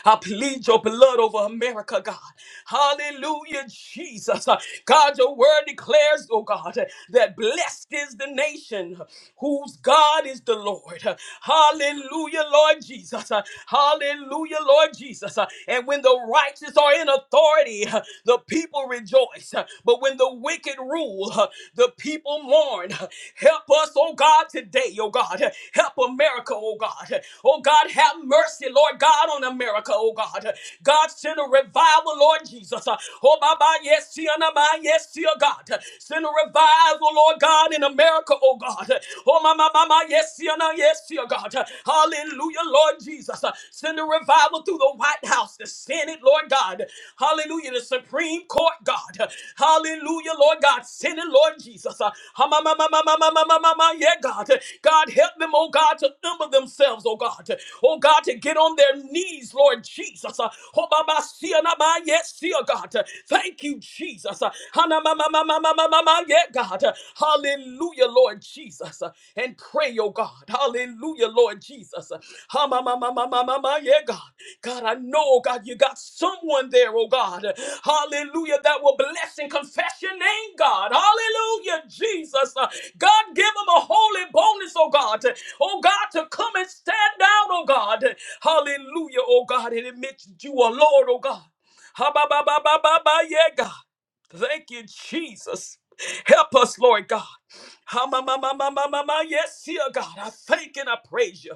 Speaker 2: I plead your blood over America, God. Hallelujah, Jesus. Uh, God, your word declares, oh God, uh, that blessed is the nation whose God is the Lord. Uh, Hallelujah, Lord Jesus. Uh, Hallelujah, Lord Jesus. Uh, And when the righteous are in authority, uh, the people rejoice. Uh, But when the wicked rule, uh, the people mourn. Uh, Help us, oh God, today, oh God. Uh, Help America, oh God. Uh, Oh God, have mercy, Lord God down on America, oh God. God, send a revival, Lord Jesus. Oh, my, my, yes, see, and my, yes, see, oh God. Send a revival, Lord God, in America, oh God. Oh, my, my, my, my, yes, see, and yes, see, oh God. Hallelujah, Lord Jesus. Send a revival through the White House, the Senate, Lord God. Hallelujah, the Supreme Court, God. Hallelujah, Lord God. Send it, Lord Jesus. Uh, Ha, ma, ma, ma, ma, ma, ma, ma, ma, ma, ma, Yeah, God. God, help them, oh God, to humble themselves, oh God. Oh God, to get on on their knees, Lord Jesus. Uh, oh, Baba, see, and Abba, yes, see, oh, God. Uh, Thank you, Jesus. Uh, Hana, ma, ma, ma, ma, ma, ma, ma, ma, yeah, God. Uh, Hallelujah, Lord Jesus. Uh, And pray, oh God. Hallelujah, Lord Jesus. Uh, ha, ma, ma, ma, ma, ma, ma, ma, Yeah, God. God, I know, oh God, you got someone there, oh God. Uh, Hallelujah, that will bless and confess your name, God. Hallelujah, Jesus. Uh, God, give them a holy bonus, oh God. Oh God, to come and stand down, oh God. Hallelujah, oh God, and admit that you are Lord, oh God. Ha ba ba ba ba ba ba, yeah, God. Thank you, Jesus. Help us, Lord God. Ha ma ma ma ma ma ma ma, yes, dear God. I thank and I praise you.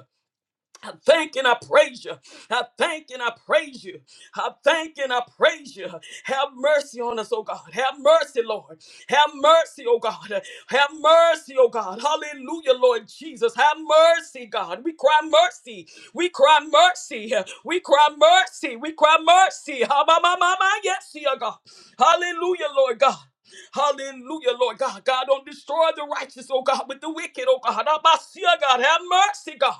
Speaker 2: I thank and I praise you. I thank and I praise you. I thank and I praise you. Have mercy on us, oh God. Have mercy, Lord. Have mercy, oh God. Have mercy, oh God. Hallelujah, Lord Jesus. Have mercy, God. We cry mercy. We cry mercy. We cry mercy. We cry mercy. Ha, ma, ma, ma, ma. Yes, dear God. Hallelujah, Lord God. Hallelujah, Lord God. God, don't destroy the righteous, oh God, with the wicked, oh God. Abasia, God, have mercy, God.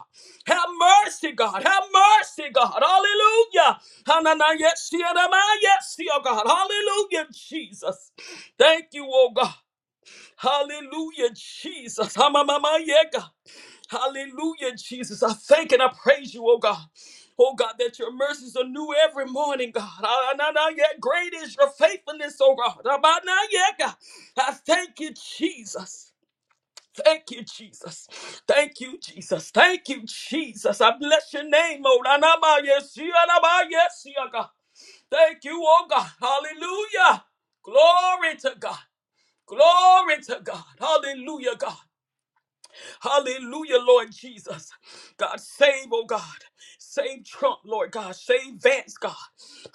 Speaker 2: Have mercy, God. Have mercy, God. Hallelujah. Hanana, yes, dear, am I? Yes, dear God. Hallelujah, Jesus. Thank you, oh God. Hallelujah, Jesus. Hamamama, yeah, God. Hallelujah, Jesus. I thank and I praise you, oh God. Oh God, that your mercies are new every morning, God. Hanana, yeah, Great is your faithfulness, oh God. Abana, yeah, God. I thank you, Jesus. Thank you, Jesus. Thank you, Jesus. Thank you, Jesus. I bless your name, oh Ranaba, yes, yeah, Ranaba, yes, yeah, God. Thank you, oh God. Hallelujah. Glory to God. Glory to God. Hallelujah, God. Hallelujah, Lord Jesus. God, save, oh God. Save Trump, Lord God. Save Vance, God.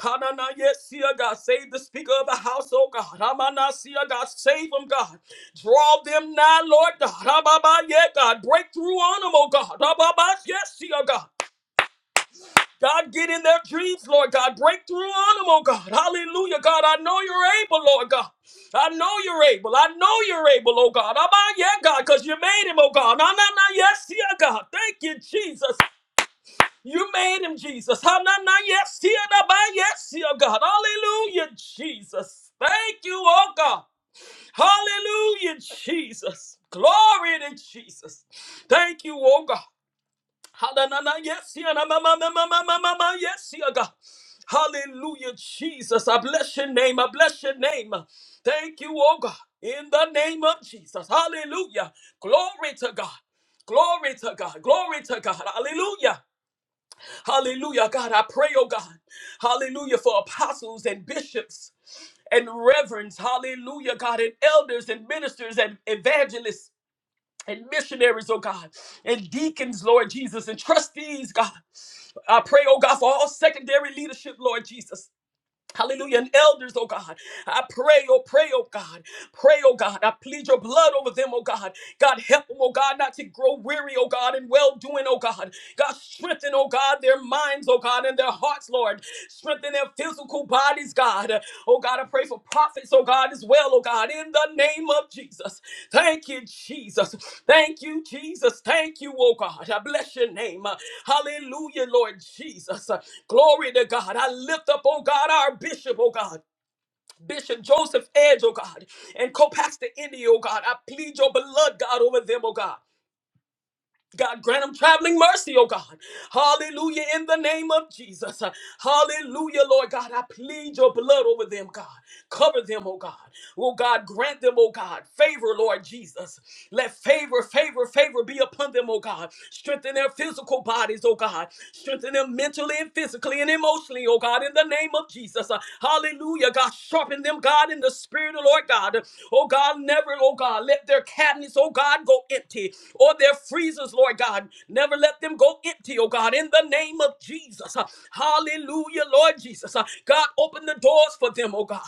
Speaker 2: Hanana, yes, see, God. Save the Speaker of the House, oh God. Hamana, see, God. Save them, God. Draw them now, Lord God. Hababa, yeah, God. Break through on them, oh God. Hababa, yes, see, God. God, get in their dreams, Lord God. Break through on them, oh God. Hallelujah, God. I know you're able, Lord God. I know you're able. I know you're able, oh God. I'm out, yeah, God, because you made him, oh God. No, no, no, yes, yeah, God. Thank you, Jesus. You made him, Jesus. Ha, na, na, yes, yeah, na, ba, yes, yeah, God. Hallelujah, Jesus. Thank you, oh God. Hallelujah, Jesus. Glory to Jesus. Thank you, oh God. Hallelujah. Yes, yeah, na- ma- ma- ma- ma- ma- ma- ma- ma- yes, yeah, God. Hallelujah, Jesus. I bless your name. I bless your name. Thank you, oh God. In the name of Jesus. Hallelujah. Glory to God. Glory to God. Glory to God. Hallelujah. Hallelujah. God, I pray, oh God. Hallelujah for apostles and bishops and reverends. Hallelujah, God. And elders and ministers and evangelists and missionaries, oh God. And deacons, Lord Jesus. And trustees, God. I pray, oh God, for all secondary leadership, Lord Jesus. Hallelujah. And elders, oh God. I pray, oh, pray, oh God. Pray, oh God. I plead your blood over them, oh God. God, help them, oh God, not to grow weary, oh God, and well doing, oh God. God, strengthen, oh God, their minds, oh God, and their hearts, Lord. Strengthen their physical bodies, God. Oh God, I pray for prophets, oh God, as well, oh God, in the name of Jesus. Thank you, Jesus. Thank you, Jesus. Thank you, oh God. I bless your name. Uh, Hallelujah, Lord Jesus. Uh, Glory to God. I lift up, oh God, our bishop, oh God. Bishop Joseph Edge, oh God, and co pastor Indy, oh God. I plead your blood, God, over them, oh God. God grant them traveling mercy, oh God. Hallelujah, in the name of Jesus. Uh, Hallelujah, Lord God. I plead your blood over them, God. Cover them, oh God. Oh God, grant them, oh God, favor, Lord Jesus. Let favor, favor, favor be upon them, oh God. Strengthen their physical bodies, oh God. Strengthen them mentally and physically and emotionally, oh God, in the name of Jesus. Uh, Hallelujah, God. Sharpen them, God, in the spirit of Lord God. Oh God, never, oh God, let their cabinets, oh God, go empty or their freezers, Lord God. Never let them go empty, oh God, in the name of Jesus. Uh, Hallelujah, Lord Jesus. Uh, God, open the doors for them, oh God.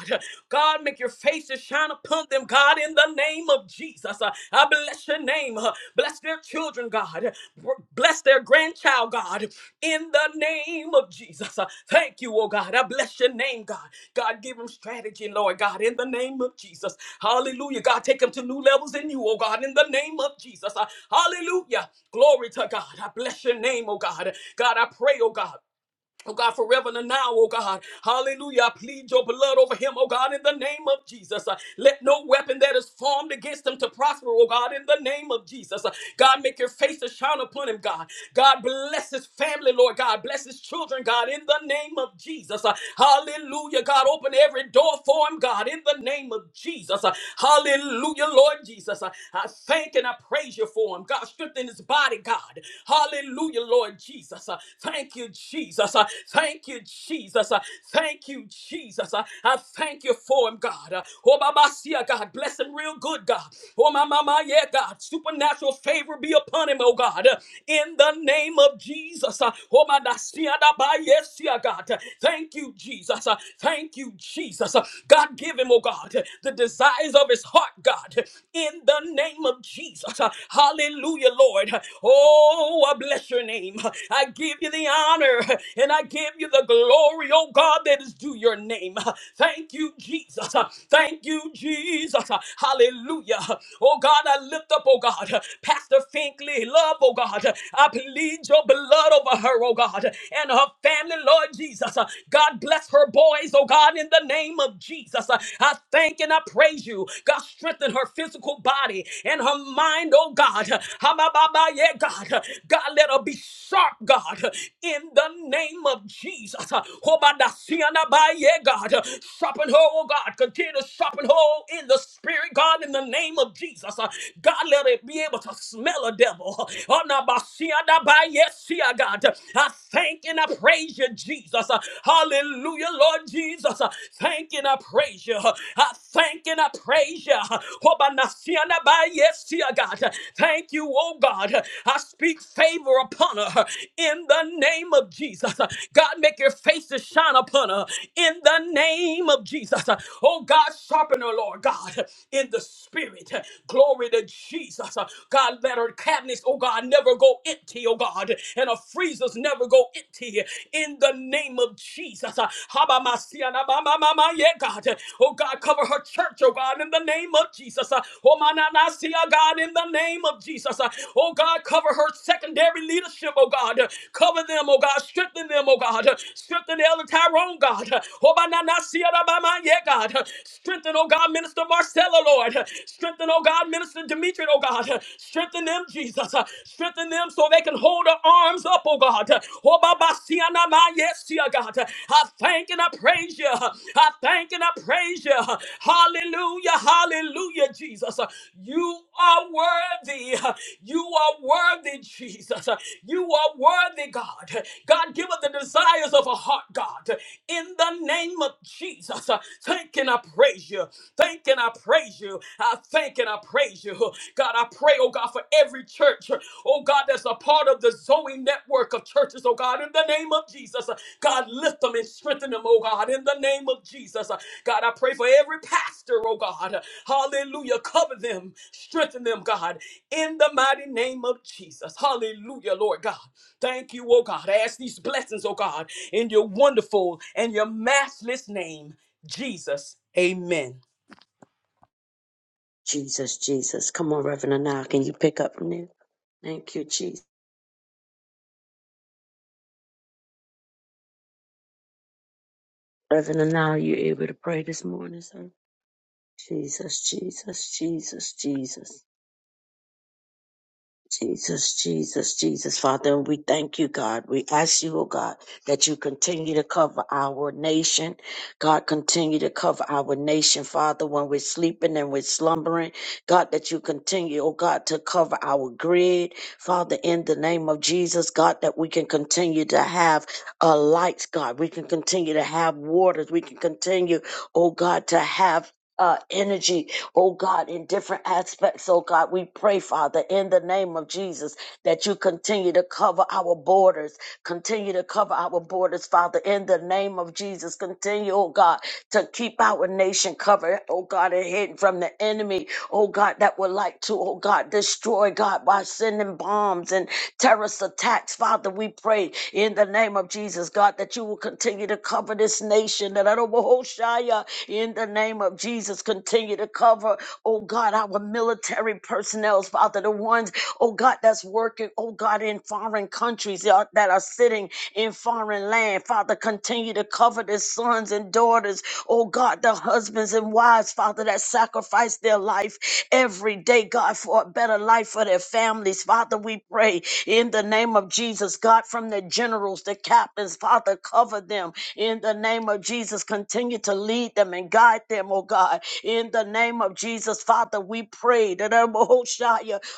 Speaker 2: God, make your face to shine upon them, God, in the name of Jesus. Uh, I bless your name. Uh, Bless their children, God. Br- Bless their grandchild, God, in the name of Jesus. Uh, Thank you, oh God. I bless your name, God. God, give them strategy, Lord God, in the name of Jesus. Hallelujah. God, take them to new levels in you, oh God, in the name of Jesus. Uh, Hallelujah. Glory to God. I bless your name, oh God. God, I pray, oh God. Oh God, forever and now, oh God. Hallelujah. I plead your blood over him, oh God, in the name of Jesus. Uh, Let no weapon that is formed against him to prosper, oh God, in the name of Jesus. Uh, God, make your face to shine upon him, God. God, bless his family, Lord God. Bless his children, God, in the name of Jesus. Uh, Hallelujah. God, open every door for him, God, in the name of Jesus. Uh, Hallelujah, Lord Jesus. Uh, I thank and I praise you for him. God, strengthen his body, God. Hallelujah, Lord Jesus. Uh, Thank you, Jesus. Uh, Thank you, Jesus. Uh, Thank you, Jesus. Uh, I thank you for him, God. Uh, Oh, Baba, see, uh, God, bless him real good, God. Oh, my, my, my, yeah, God. Supernatural favor be upon him, oh, God. Uh, In the name of Jesus. Uh, Oh, my, da, see, uh, da, ba, yes, see, uh, God. Uh, Thank you, Jesus. Uh, Thank you, Jesus. Uh, God, give him, oh, God, uh, the desires of his heart, God. In the name of Jesus. Jesus. Hallelujah, Lord. Oh, I bless your name. I give you the honor and I give you the glory, oh God, that is due your name. Thank you, Jesus. Thank you, Jesus. Hallelujah. Oh God, I lift up, oh God, Pastor Finkley, love, oh God. I plead your blood over her, oh God, and her family, Lord Jesus. God bless her boys, oh God, in the name of Jesus. I thank and I praise praise you. God, strengthen her physical body and her mind, oh God. Hamababa, yeah, God. God, let her be sharp, God, in the name of Jesus. Hobadasiana, ba yeah, God. Sharpen her, oh God. Continue to sharpen her in the spirit, God, in the name of Jesus. God, let her be able to smell a devil. Onabasiana, ba Yes, yeah, God. I thank and I praise you, Jesus. Hallelujah, Lord Jesus. Jesus. I Thank and I praise you. I thank and I praise you. Hobanasiana ba yesia, God. Thank you, oh God. I speak favor upon her in the name of Jesus. God, make your face to shine upon her in the name of Jesus. Oh God, sharpen her, Lord God, in the spirit. Glory to Jesus. God, let her cabinets, oh God, never go empty, oh God, and her freezers never go empty today in the name of Jesus. Uh, Habamasia na ba ma ma ma ye, God. Oh God, cover her church, oh God, in the name of Jesus. Uh, Oh mananasia, God, in the name of Jesus. Uh, Oh God, cover her secondary leadership, oh God. Uh, Cover them, oh God. Strengthen them, oh God. Uh, Strengthen Elder Tyrone, God. Uh, Oh mananasia na ba ma ye, God. Uh, Strengthen, oh God, Minister Marcella, Lord. Uh, Strengthen, oh God, Minister Demetri, oh God. Uh, Strengthen them, Jesus. Uh, Strengthen them them so they can hold their arms up, oh God. Oh, Baba, see I'm Siana, my yes, see dear God. I thank and I praise you. I thank and I praise you. Hallelujah, hallelujah, Jesus. You are worthy. You are worthy, Jesus. You are worthy, God. God, give us the desires of a heart, God. In the name of Jesus, thank and I praise you. Thank and I praise you. I thank and I praise you you. God, I pray, oh God, for every church, oh God, that's a part of the Zoe network of churches, oh God, in the name of Jesus. God, lift them and strengthen them, oh God, in the name of Jesus. God, I pray for every pastor, oh God. Hallelujah. Cover them, strengthen them, God, in the mighty name of Jesus. Hallelujah, Lord God. Thank you, oh God. I ask these blessings, oh God, in your wonderful and your matchless name, Jesus. Amen.
Speaker 3: Jesus, Jesus. Come on, Reverend Anil. Can you pick up from there? Thank you, Jesus. Reverend Anil, you able to pray this morning, sir? Jesus, Jesus, Jesus, Jesus. Jesus, Jesus, Jesus, Father, we thank you, God. We ask you, oh God, that you continue to cover our nation. God, continue to cover our nation, Father, when we're sleeping and we're slumbering. God, that you continue, oh God, to cover our grid, Father, in the name of Jesus, God, that we can continue to have uh, lights, God. We can continue to have waters. We can continue, oh God, to have uh, energy oh God, in different aspects, oh God. We pray, Father, in the name of Jesus, that you continue to cover our borders, Continue to cover our borders, Father, in the name of Jesus. Continue, oh God, to keep our nation covered, oh God, and hidden from the enemy, oh God, that would like to, oh God, destroy God by sending bombs and terrorist attacks. Father, we pray in the name of Jesus, God, that you will continue to cover this nation. That I don't behold Shia, in the name of Jesus, continue to cover, oh God, our military personnel, Father, the ones, oh God, that's working, oh God oh God, in foreign countries that are that are sitting in foreign land. Father, continue to cover their sons and daughters, oh God, the husbands and wives, Father, that sacrifice their life every day, God, for a better life for their families. Father, we pray in the name of Jesus, God, from the generals, the captains, Father, cover them in the name of Jesus. Continue to lead them and guide them, oh God, in the name of Jesus, Father, we pray that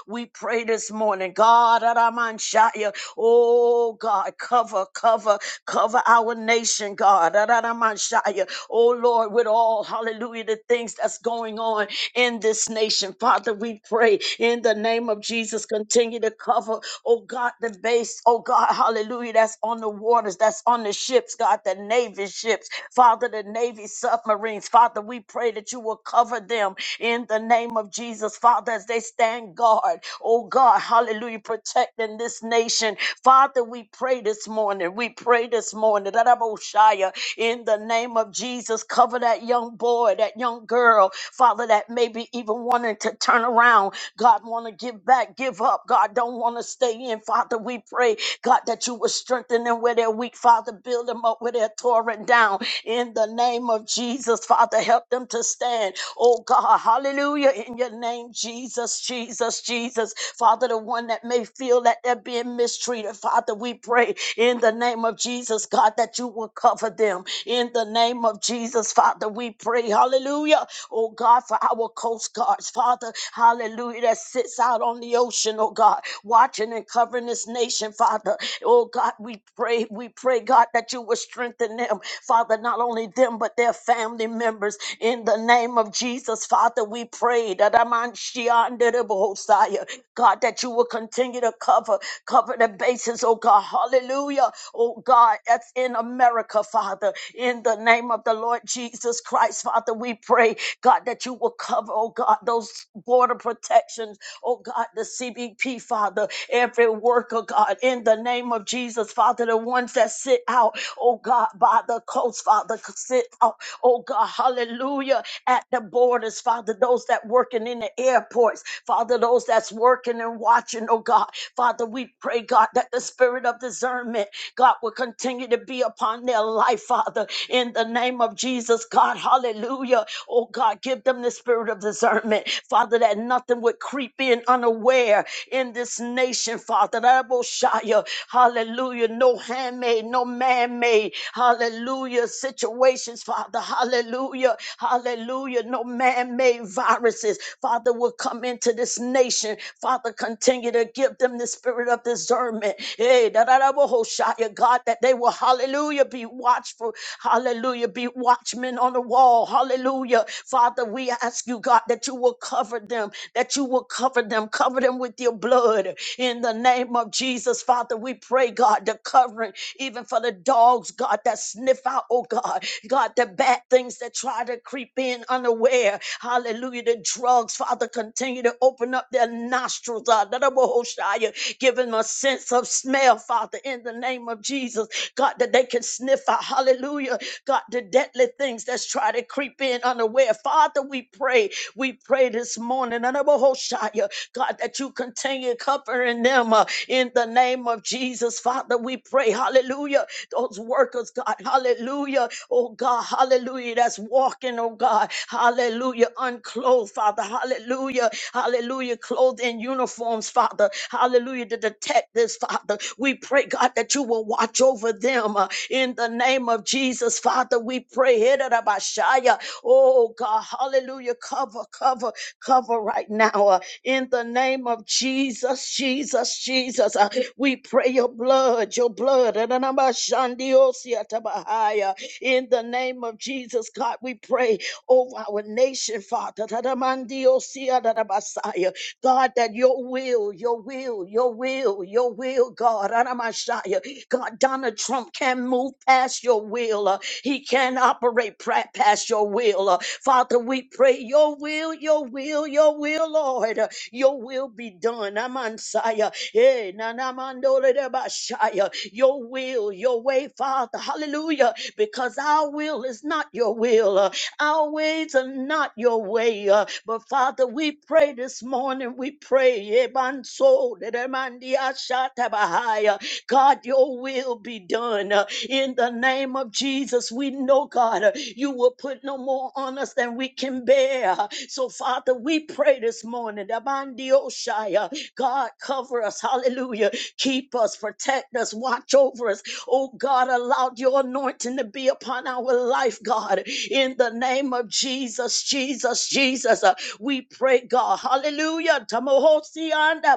Speaker 3: we pray this morning, God, Adamanshaya, oh God, cover, cover, cover our nation, God, Adamanshaya, oh Lord, with all, hallelujah, the things that's going on in this nation. Father, we pray in the name of Jesus, continue to cover, oh God, the base, oh God, hallelujah, that's on the waters, that's on the ships, God, the Navy ships, Father, the Navy submarines. Father, we pray that you will cover them in the name of Jesus, Father, as they stand guard. Oh God, hallelujah, protecting this nation. Father, we pray this morning. We pray this morning. That Shia, in the name of Jesus, cover that young boy, that young girl, Father, that maybe even wanting to turn around. God want to give back, give up. God don't want to stay in. Father, we pray, God, that you will strengthen them where they're weak. Father, build them up where they're torn down. In the name of Jesus, Father, help them to understand. Oh God, hallelujah. In your name, Jesus, Jesus, Jesus. Father, the one that may feel that they're being mistreated, Father, we pray in the name of Jesus, God, that you will cover them. In the name of Jesus, Father, we pray, hallelujah. Oh God, for our coast guards, Father, hallelujah, that sits out on the ocean, oh God, watching and covering this nation, Father. Oh God, we pray, we pray, God, that you will strengthen them, Father, not only them them, but their family members. In the name of Jesus, Father, we pray that Amanshiandedebosaya, God, that you will continue to cover, cover the bases, oh God. Hallelujah. Oh God, that's in America, Father. In the name of the Lord Jesus Christ, Father, we pray, God, that you will cover, oh God, those border protections, oh God, the CBP, Father, every worker, God, in the name of Jesus, Father, the ones that sit out oh God, by the coast, Father. Sit, oh, oh God, hallelujah, at the borders, Father, those that working in the airports, Father, those that's working and watching, oh God. Father, we pray, God, that the spirit of discernment, God, will continue to be upon their life, Father, in the name of Jesus, God, hallelujah. Oh God, give them the spirit of discernment, Father, that nothing would creep in unaware in this nation, Father. That I will shout you, Hallelujah hallelujah, no handmade, no man made, hallelujah, situations, Father, hallelujah, hallelujah, no man made viruses, Father, will come into this nation, Father, continue to give them the spirit of discernment, hey, da da da, bo- ho- yeah, God, that they will, hallelujah, be watchful, hallelujah, be watchmen on the wall, hallelujah, Father, we ask you, God, that you will cover them, that you will cover them, cover them with your blood, in the the name of Jesus, Father, we pray, God, the covering, even for the dogs, God, that sniff out, oh God, God, the bad things that try to creep in unaware. Hallelujah. The drugs, Father, continue to open up their nostrils, God, that give them a sense of smell, Father, in the name of Jesus, God, that they can sniff out, hallelujah, God, the deadly things that's try to creep in unaware. Father, we pray, we pray this morning, God, God, that you continue covering them uh, in the name of Jesus. Father, we pray, hallelujah. Those workers, God, hallelujah. Oh, God, hallelujah. That's walking, oh, God, hallelujah. Unclothed, Father, hallelujah. Hallelujah. Clothed in uniforms, Father, hallelujah. To detect this, Father, we pray, God, that you will watch over them uh, in the name of Jesus, Father. We pray, Hidarabashaya. oh, God, hallelujah. Cover, cover, cover right now. uh, in the name of Jesus, Jesus, Jesus. Uh, We pray your blood, your blood. In the name of Jesus, God, we pray over our nation, Father. God, that your will, your will, your will, your will, God. ra ra ma God, Donald Trump can move past your will. Uh, He can operate pra- past your will. Uh, Father, we pray your will, your will, your will, Lord. Uh, your will be done. Amansaya. Eh, nanamandolebashaya. Your will, your way, Father. Hallelujah. Because our will is not your will. Uh, Our ways are not your way. Uh, But Father, we pray this morning. We pray. Ebansolelemandiashatabahaya. God, your will be done uh, in the name of Jesus. We know, God, uh, you will put no more on us than we can bear. So, Father, we pray this morning. Abandioshaya, God, cover us. Hallelujah. Keep us, protect us, watch over us. Oh, God, allow your anointing to be upon our life, God, in the name of Jesus, Jesus, Jesus. Uh, we pray, God. Hallelujah. Tamohosi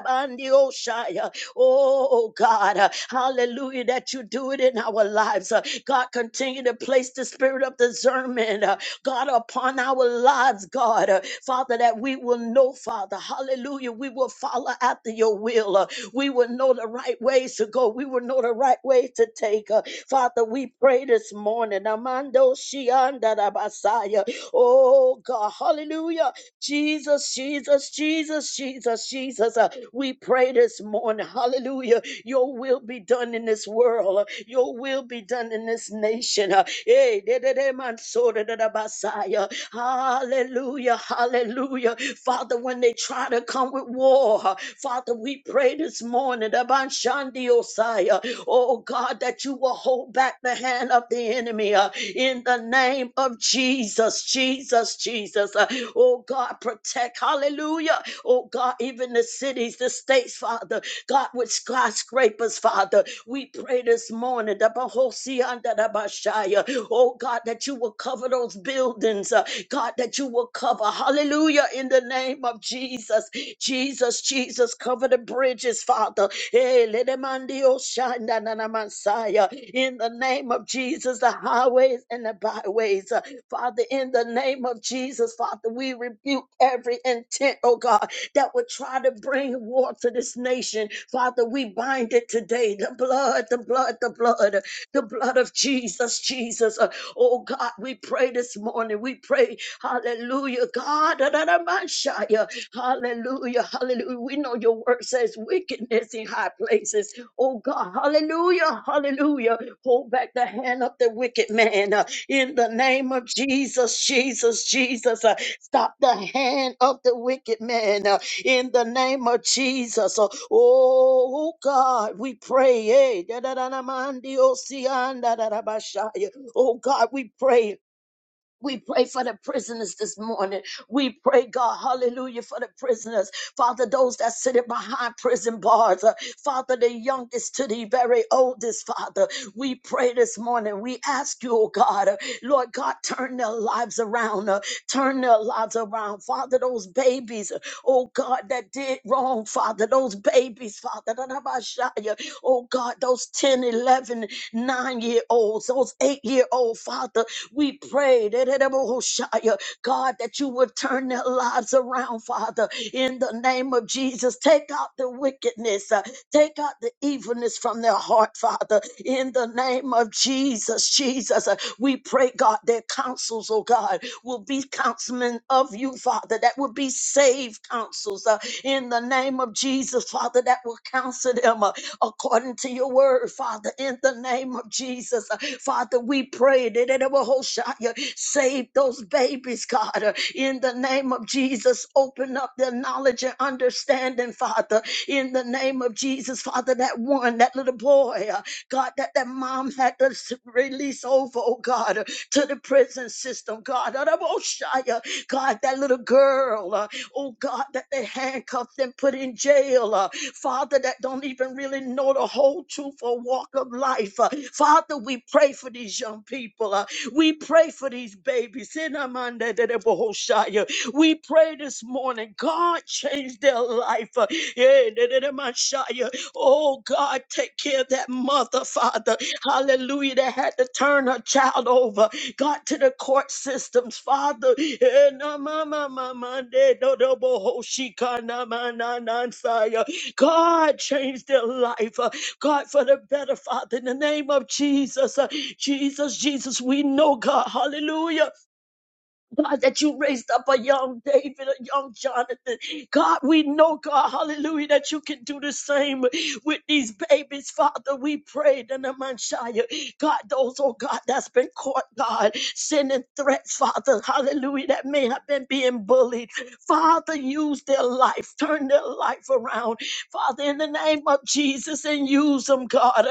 Speaker 3: and Oh, God, uh, hallelujah, that you do it in our lives. Uh, God, continue to place the spirit of discernment, uh, God, upon our lives, God. Uh, Father, that we will know, Father, hallelujah, we will follow after your will. Uh, we will know the right ways to go. We will know the right way to take. Uh, Father, we pray this morning. Amando Shianda Rabasaya. Oh God, hallelujah. Jesus, Jesus, Jesus, Jesus, Jesus. Uh, we pray this morning. Hallelujah. Your will be done in this world. Uh, Your will be done in this nation. Uh, eh, de- de- de- man, so de- de- de- Messiah. Hallelujah. Hallelujah. Father, when they try to come with war, uh, Father, we pray this morning. the Ban Shandi Osiah. Oh God, God, that you will hold back the hand of the enemy uh, in the name of Jesus, Jesus, Jesus. Uh, oh God, protect, hallelujah. Oh God, even the cities, the states, Father, God, with skyscrapers, Father, we pray this morning, the Bahosi under the Bashaya. oh God, that you will cover those buildings, uh, God, that you will cover, hallelujah, in the in the name of Jesus. Jesus, Jesus, cover the bridges, Father. Eh, let them on the ocean na na na, Messiah. In the name of Jesus, the highways and the byways. Uh, Father, in the name of Jesus, Father, we rebuke every intent, oh God, that would try to bring war to this nation. Father, we bind it today. The blood, the blood, the blood. The blood of Jesus, Jesus. Uh, Oh God, we pray this morning. We pray, hallelujah, God. da, da, da, man, shia. Hallelujah, hallelujah. We know your word says wickedness in high places. Oh God, hallelujah, hallelujah. Hold back the hand of the wicked man uh, in the name of Jesus, Jesus, Jesus. uh, Stop the hand of the wicked man. uh, in the name of Jesus. Oh God, we pray. Eh, da, da, da, da, man, di, Oh si, an, da, da, da, ba, sha, yeah. Oh, God, we pray we pray for the prisoners this morning. We pray, God, hallelujah, for the prisoners. Father, those that sit behind prison bars. uh, Father, the youngest to the very oldest, Father. We pray this morning. We ask you, oh God, uh, Lord God, turn their lives around. uh, Turn their lives around. Father, those babies, uh, oh God, that did wrong, Father. Those babies, Father. da- da- ba- sha- ya. Oh God, those ten, eleven, nine year olds, those eight year old, Father. We pray that God that you would turn their lives around, Father, in the name of Jesus. Take out the wickedness, uh, take out the evilness from their heart, Father, in the name of Jesus. Jesus, Uh, we pray, God, their counsels, oh God, will be councilmen of you, Father, that will be saved counsels uh, in the name of Jesus, Father, that will counsel them. uh, according to your word, Father, in the name of Jesus. Uh, Father, we pray that it will hold shot you. save those babies, God, Uh, in the name of Jesus. Open up their knowledge and understanding, Father, in the name of Jesus, Father. That one, that little boy, uh, God, that that mom had to s- release over, oh God, uh, to the prison system, God. Uh, the Most High, uh, God, that little girl. uh, oh God, that they handcuffed and put in jail, uh, Father, that don't even really know the whole truth or walk of life. uh, Father, we pray for these young people. uh, we pray for these babies. Sinamandadadabahoshaya. We pray this morning, God, change their life. uh, yeah, dadadamashaya. Oh God, take care of that mother, Father. Hallelujah, that had to turn her child over. God, to the court systems, Father. Eh, na, ma, ma, ma, ma, de, do, do, bo, ho, shi, ka, na, ma, na, na, sa, ya. God, change their life. uh, God, for the better, Father, in the name of Jesus. uh, Jesus, Jesus, we know, God. Hallelujah. God, that you raised up a young David, a young Jonathan. God, we know, God, hallelujah, that you can do the same with these babies, Father. We prayed in the Manshire. God, those, oh God, that's been caught, God, sending threats, Father, hallelujah, that may have been being bullied. Father, use their life, turn their life around. Father, in the name of Jesus, and use them, God.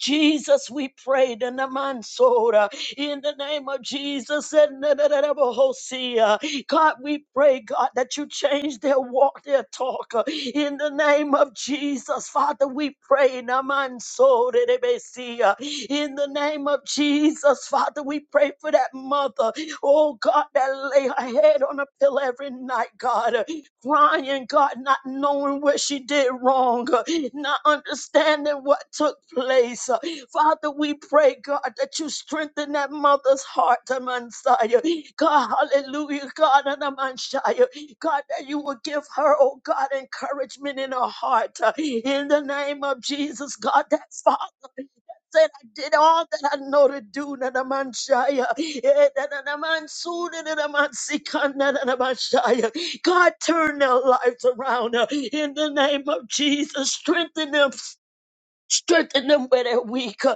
Speaker 3: Jesus, we prayed in the Mansora in the name of Jesus. And na- na- God, we pray, God, that you change their walk, their talk. uh, In the name of Jesus, Father, we pray. Naman so de de si, uh, In the name of Jesus, Father, we pray for that mother. Oh God, that lay her head on a pillow every night, God, uh, crying, God, not knowing what she did wrong, uh, not understanding what took place. uh, Father, we pray, God, that you strengthen that mother's heart, Amansaya. God, hallelujah, God, and Amansaya. God, that you will give her, oh God, encouragement in her heart. uh, In the name of Jesus, God, that Father, said, I did all that I know to do. Nanamanshaya. Eh, nananamansu, nananamansikan, nananamanshaya. God, turn their lives around uh, in the name of Jesus. Strengthen them, Strengthen them where they're weak. uh,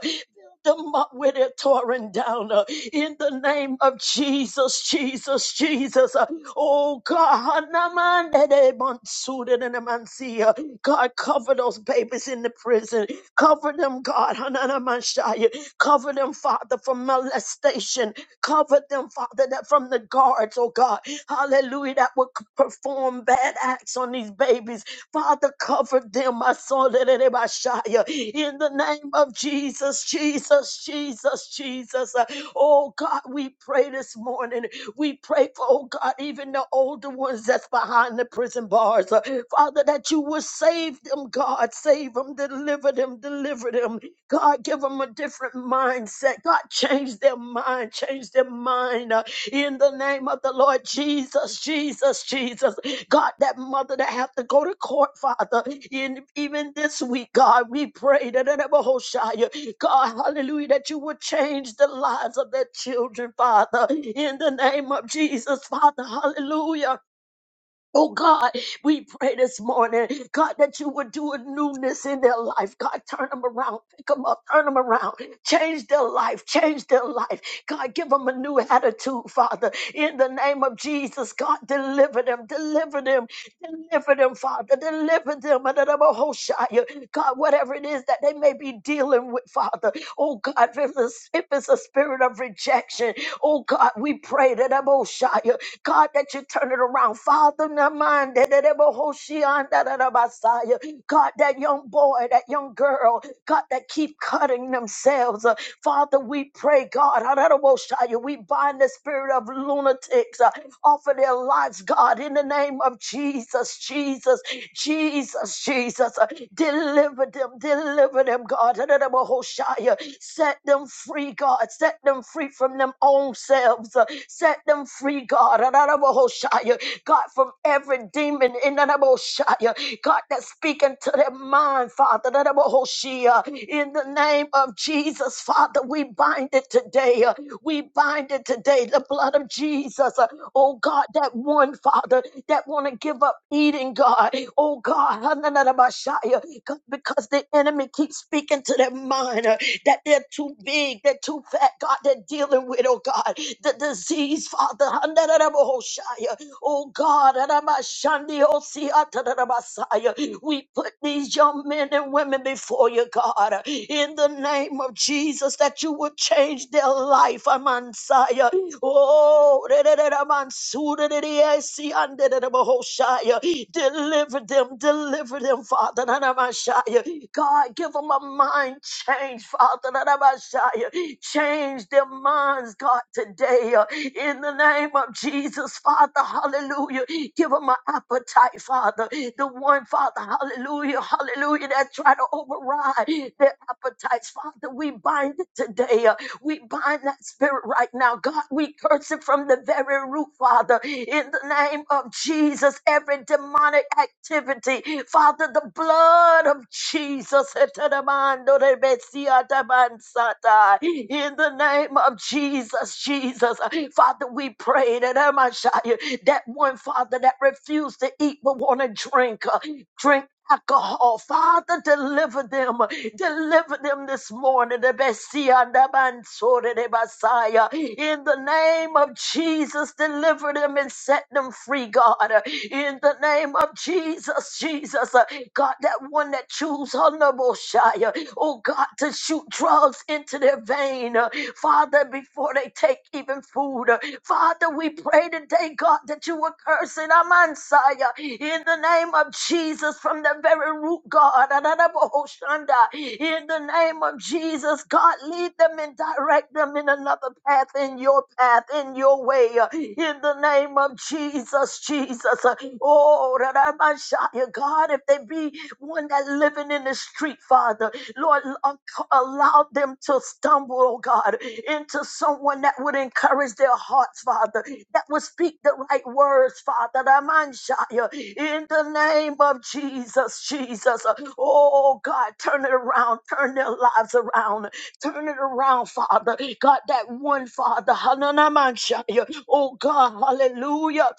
Speaker 3: Build them up where they're torn down. uh, In the name of Jesus, Jesus, Jesus. uh, Oh God, Hanamandede Bonsuda de Namansia. God, cover those babies in the prison. Cover them, God. Hananamanshaya. Cover them, Father, from molestation. Cover them, Father, that from the guards, oh God, hallelujah, that would c- perform bad acts on these babies. Father, cover them, my son, in the name of Jesus, Jesus, Jesus, Jesus. Uh, Oh God, we pray this morning. We pray for, oh God, even the older ones that's behind the prison bars. Uh, Father, that you will save them, God. Save them, deliver them, deliver them. God, give them a different mindset. God, change their mind, change their mind uh, in the name of the Lord Jesus, Jesus, Jesus. God, that mother that have to go to court, Father, in, even this week, God, we pray that it ever hold shy. God, hallelujah, that you would change the lives of their children, Father, in the name of Jesus, Father, hallelujah. Oh God, we pray this morning, God, that you would do a newness in their life. God, turn them around, pick them up, turn them around, change their life, change their life. God, give them a new attitude, Father, in the name of Jesus. God, deliver them, deliver them, deliver them, Father, deliver them. Adonai-Bahoshaya. God, whatever it is that they may be dealing with, Father. Oh God, if it's, if it's a spirit of rejection, Oh God, we pray that Aboshaya, God, that you turn it around. Father, Naman, that it ever Hoshian, that it ever God, that young boy, that young girl, God, that keep cutting themselves. Uh, Father, we pray, God, that we bind the spirit of lunatics uh, off of their lives, God, in the name of Jesus, Jesus, Jesus, Jesus. Uh, Deliver them, deliver them, God. Set them free, God. Set them free from them own selves. Uh, Set them free, God. God, from every demon in the Naboshaya. God, that's speaking to their mind, Father. In the name of Jesus, Father, we bind it today. Uh, We bind it today. The blood of Jesus. Uh, Oh God, that one, Father, that want to give up eating hurting, God. Oh, God, Hananarabashaya, God, because the enemy keeps speaking to their mind uh, that they're too big, they're too fat, God, they're dealing with, oh, God, the disease, Father. Hananarabohoshaya. Oh, God, Hanamashandi-osi-atanarabasaya. we put these young men and women before you, God, uh, in the name of Jesus, that you would change their life, Amansaya. Oh. Oh, Deliver them, deliver them, Father. God, give them a mind change, Father. Change their minds, God, today. In the name of Jesus, Father, hallelujah. Give them an appetite, Father. The one, Father, hallelujah, hallelujah, that try to override their appetites, Father, we bind it today. uh, We bind that spirit right now. God, we curse it from the very root, Father. In the name of Jesus, every demonic activity, Father, the blood of Jesus. In the name of Jesus, Jesus, Father, we pray that that one, Father, that refused to eat but want to drink. uh, drink alcohol. Father, deliver them. Deliver them this morning. The Messiah, the Mansoor, the Messiah. In the name of Jesus, deliver them and set them free, God. In the name of Jesus, Jesus. uh, God, that one that choose honorable Shire. Oh God, to shoot drugs into their vein. uh, Father, before they take even food, uh, Father, we pray today, God, that you would curse it, Amansaya, in the name of Jesus, from the very root, God, Adadabohoshanda, in the name of Jesus, God, lead them and direct them in another path, in your path, in your way, in the name of Jesus, Jesus, Oh. Oh, that I might shout God, if they be one that living in the street, Father, Lord, a- allow them to stumble, oh God, into someone that would encourage their hearts, Father, that would speak the right words, Father. that man shout In the name of Jesus, Jesus. Oh God, turn it around, turn their lives around, turn it around, Father. God, that one Father, Hananamansha, oh God, hallelujah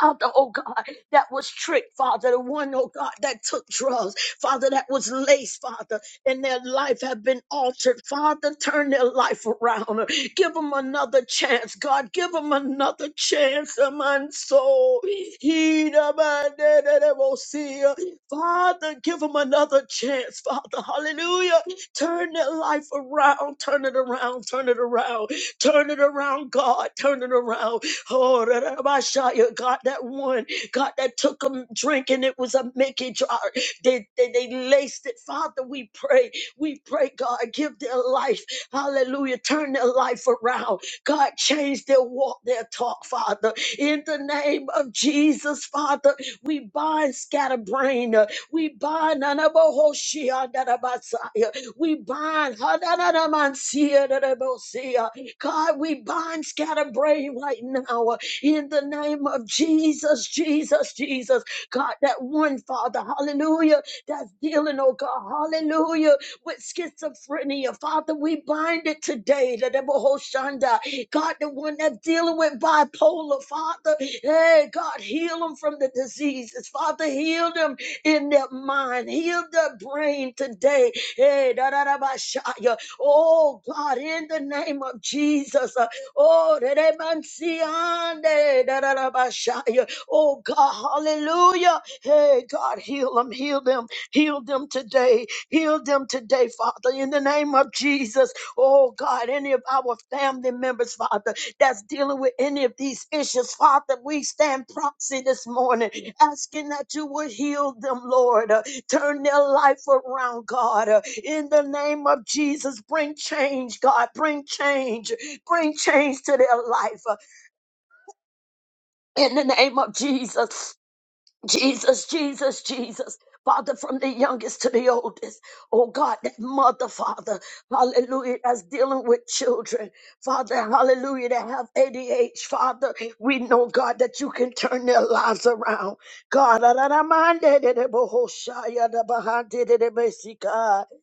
Speaker 3: Father, oh God, that was tricked, Father, the one, oh God, that took drugs, Father, that was laced, Father, and their life have been altered. Father, turn their life around. Give them another chance, God. Give them another chance, uh, man. soul. He da ba da da da see ya. Father, give them another chance, Father. Hallelujah. Turn their life around. Turn it around. Turn it around. Turn it around, God. Turn it around. Oh, Rabashaya, God, that one, God, that took a drink and it was a Mickey jar. They, they, they laced it. Father, we pray. We pray, God, give their life. Hallelujah. Turn their life around. God, change their walk, their talk, Father. In the name of Jesus, Father, we bind scatterbrain. uh, We bind Anabohoshia, Dadabasaya. We bind Hadanadamansia, Dadabosia. God, we bind scatterbrain right now in the name of Jesus, Jesus, Jesus. God, that one Father, hallelujah, that's dealing, oh God, hallelujah, with schizophrenia. Father, we bind it today. The devil Hoshanda, God, the one that's dealing with bipolar, Father, hey, God, heal them from the diseases. Father, heal them in their mind, heal their brain today. Hey, da da da ba sha ya. Oh God, in the name of Jesus. uh, Oh, redemansiande, da, da, da, ba, sha, yeah. oh God, hallelujah. Hey, God, heal them, heal them, heal them today, heal them today, Father, in the name of Jesus. Oh God, any of our family members, Father, that's dealing with any of these issues, Father, we stand proxy this morning, asking that you would heal them, Lord. Turn their life around, God. Uh, In the name of Jesus, bring change, God. Bring change. Bring change to their life. Uh, In the name of Jesus. Jesus, Jesus, Jesus. Father, from the youngest to the oldest. Oh God, that mother, Father, hallelujah, that's dealing with children. Father, hallelujah, that have ADH. Father, we know, God, that you can turn their lives around. God,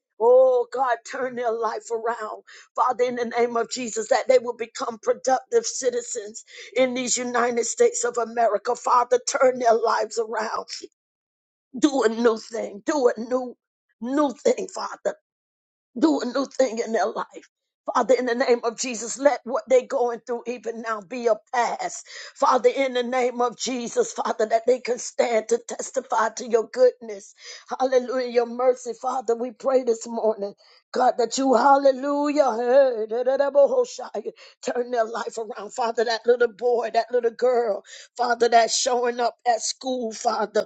Speaker 3: oh God, turn their life around. Father, in the name of Jesus, that they will become productive citizens in these United States of America. Father, turn their lives around. Do a new thing. Do a new, new thing, Father do a new thing in their life. Father, in the name of Jesus, let what they're going through even now be a past. Father, in the name of Jesus, Father, that they can stand to testify to your goodness. Hallelujah, your mercy. Father, we pray this morning, God, that you, hallelujah, hey, da, da, da, bo, ho, shy, turn their life around. Father, that little boy, that little girl, Father, that's showing up at school, Father.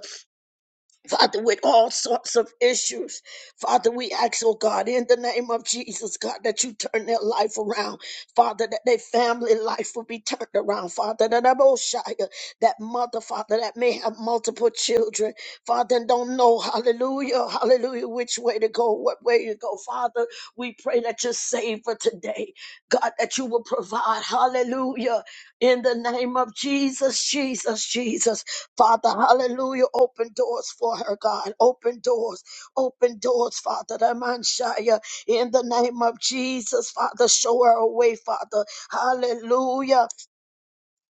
Speaker 3: Father, with all sorts of issues. Father, we ask, oh God, in the name of Jesus, God, that you turn their life around. Father, that their family life will be turned around. Father, that I'm all shy of that mother, Father, that may have multiple children, Father, and don't know, hallelujah, hallelujah, which way to go, what way to go. Father, we pray that you save her today. God, that you will provide, hallelujah, in the name of Jesus, Jesus, Jesus. Father, hallelujah. Open doors for her, God. Open doors. Open doors, Father. Ramanshaya. In the name of Jesus, Father, show her a way, Father. Hallelujah.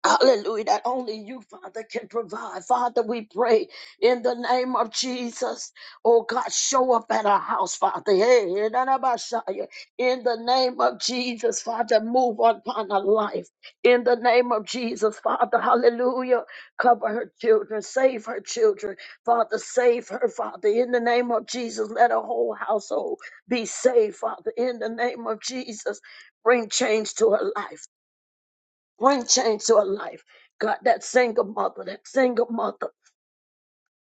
Speaker 3: Hallelujah. That only you, Father, can provide. Father, we pray in the name of Jesus. Oh God, show up at our house, Father. Hey, hey, da, da, ba, sha, yeah. In the name of Jesus, Father, move upon her life. In the name of Jesus, Father, hallelujah. Cover her children, save her children. Father, save her, Father. In the name of Jesus, let her whole household be saved, Father. In the name of Jesus, bring change to her life. Bring change to her life. God, that single mother, that single mother.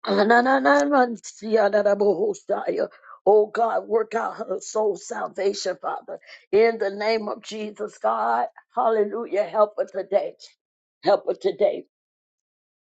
Speaker 3: Anananansiadadabohosaya. Oh God, work out her soul salvation, Father. In the name of Jesus, God. Hallelujah. Help her today. Help her today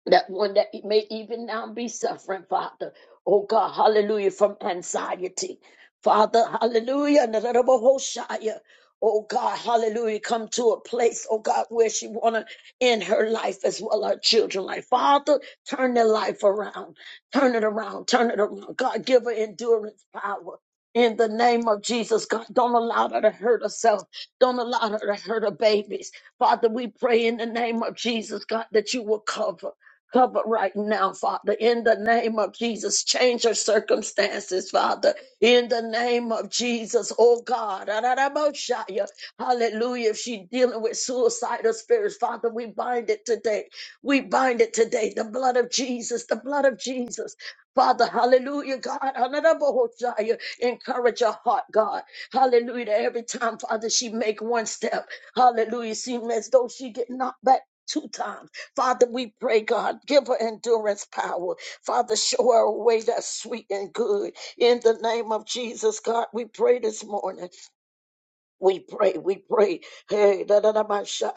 Speaker 3: that one that it may even now be suffering, Father. Oh God, hallelujah, from anxiety. Father, hallelujah, Nararabahoshaya. Oh God, hallelujah, come to a place, oh God, where she wanna end her life as well, her children life. Father, turn their life around. Turn it around, turn it around. God, give her endurance power. In the name of Jesus, God, don't allow her to hurt herself. Don't allow her to hurt her babies. Father, we pray in the name of Jesus, God, that you will cover. Cover right now, Father, in the name of Jesus. Change her circumstances, Father, in the name of Jesus. Oh God, Araraboshaya. hallelujah. If she's dealing with suicidal spirits, Father, we bind it today. We bind it today. The blood of Jesus, the blood of Jesus. Father, hallelujah, God, Araraboshaya. encourage her heart, God. Hallelujah. That Every time, Father, she make one step, hallelujah, Seems as though she get knocked back two times. Father, we pray, God, give her endurance power. Father, show her a way that's sweet and good. In the name of Jesus, God, we pray this morning. We pray, we pray. Hey, da da da Messiah.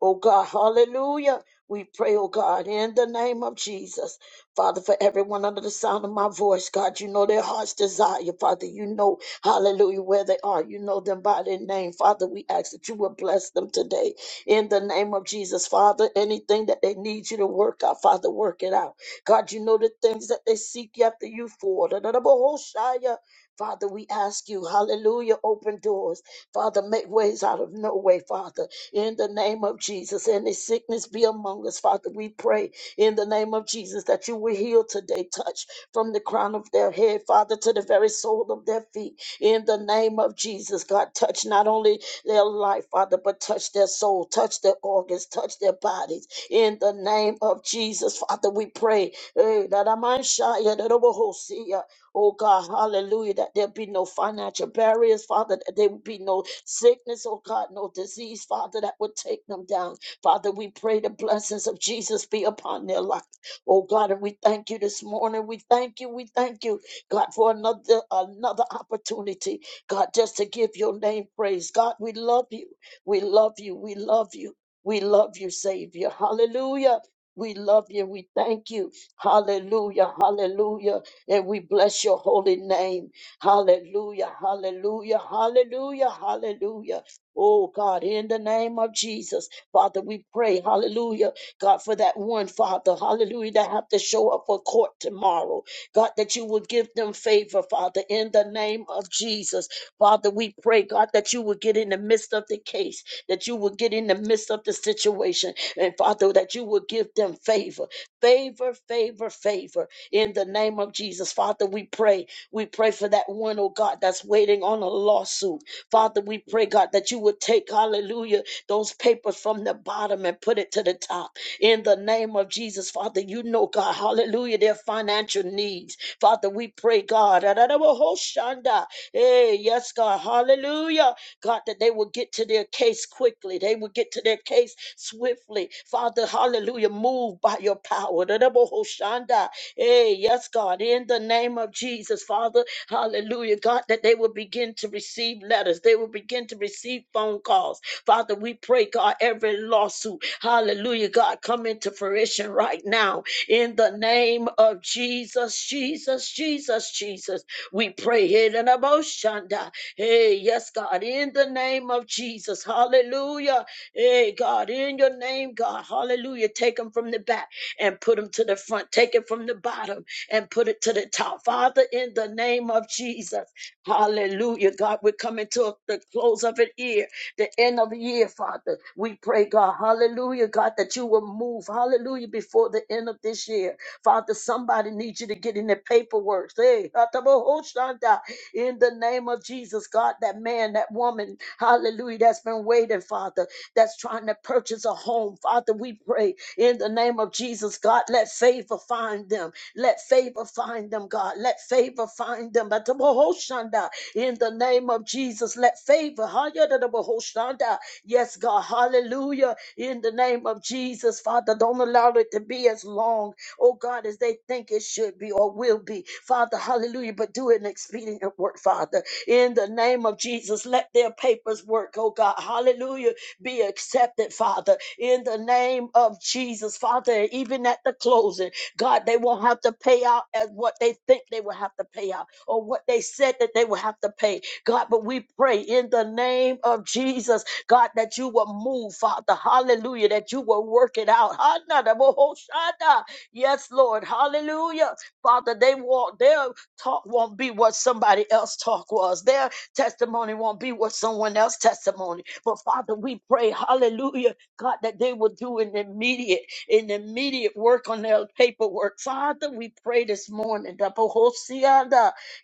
Speaker 3: Oh God, hallelujah. We pray, oh God, in the name of Jesus. Father, for everyone under the sound of my voice, God, you know their heart's desire, Father. You know, hallelujah, where they are. You know them by their name. Father, we ask that you will bless them today in the name of Jesus. Father, anything that they need you to work out, Father, work it out. God, you know the things that they seek after you for. Da da da Messiah. Father, we ask you, hallelujah, open doors. Father, make ways out of no way, Father, in the name of Jesus. Any sickness be among us, Father. We pray in the name of Jesus that you will heal today, touch from the crown of their head, Father, to the very sole of their feet. In the name of Jesus, God, touch not only their life, Father, but touch their soul, touch their organs, touch their bodies. In the name of Jesus, Father, we pray. Eh, that I might shine, yeah, that I will see, yeah, Oh God, hallelujah, that there be no financial barriers, Father, that there would be no sickness, oh God, no disease, Father, that would take them down. Father, we pray the blessings of Jesus be upon their life. Oh God, and we thank you this morning. We thank you, we thank you, God, for another another opportunity, God, just to give your name praise. God, we love you. We love you. We love you. We love you, Savior. Hallelujah. We love you. We thank you. Hallelujah. Hallelujah. And we bless your holy name. Hallelujah, hallelujah, hallelujah, hallelujah. Oh God, in the name of Jesus, Father, we pray, hallelujah, God, for that one, Father, hallelujah, that have to show up for court tomorrow. God, that you will give them favor, Father, in the name of Jesus. Father, we pray, God, that you will get in the midst of the case, that you will get in the midst of the situation, and Father, that you will give them favor, favor, favor, favor in the name of Jesus. Father, we pray. We pray for that one, oh God, that's waiting on a lawsuit. Father, we pray, God, that you would take, hallelujah, those papers from the bottom and put it to the top. In the name of Jesus, Father, you know, God, hallelujah, their financial needs. Father, we pray, God, Adadabahoshanda. hey, yes, God, hallelujah, God, that they will get to their case quickly. They will get to their case swiftly. Father, hallelujah, move by your power. Adadabahoshanda. Hey, yes, God, in the name of Jesus, Father, hallelujah, God, that they will begin to receive letters, they will begin to receive phone calls. Father, we pray, God, every lawsuit, hallelujah, God, come into fruition right now. In the name of Jesus, Jesus, Jesus, Jesus, we pray here in Aboshanda. Hey, yes, God, in the name of Jesus, hallelujah. Hey, God, in your name, God, hallelujah, take them from the back and put them to the front. Take it from the bottom and put it to the top. Father, in the name of Jesus. Hallelujah, God. We're coming to the close of an year, the end of the year, Father. We pray, God, hallelujah, God, that you will move, hallelujah, before the end of this year. Father, somebody needs you to get in the paperwork. Hey, Atabohoshanda, in the name of Jesus, God, that man, that woman, hallelujah, that's been waiting, Father, that's trying to purchase a home. Father, we pray in the name of Jesus, God, let favor find them. Let favor find them, God. Let favor find them. In the name of Jesus, let favor. Hayadadabahoshanda. Yes, God. Hallelujah. In the name of Jesus, Father, don't allow it to be as long, oh God, as they think it should be or will be. Father, hallelujah. But do an expedient work, Father. In the name of Jesus, let their papers work, oh God. Hallelujah. Be accepted, Father. In the name of Jesus, Father, even at the closing, God, they won't have to pay out as what they think they will have to pay out or what they said that they would have to pay. God, but we pray in the name of Jesus, God, that you will move, Father. Hallelujah. That you will work it out. Hanadabohoshada. Yes, Lord. Hallelujah. Father, they won't, their talk won't be what somebody else talk was. Their testimony won't be what someone else testimony. But Father, we pray, hallelujah, God, that they will do an immediate, an immediate work on their paperwork. Father, we pray this morning.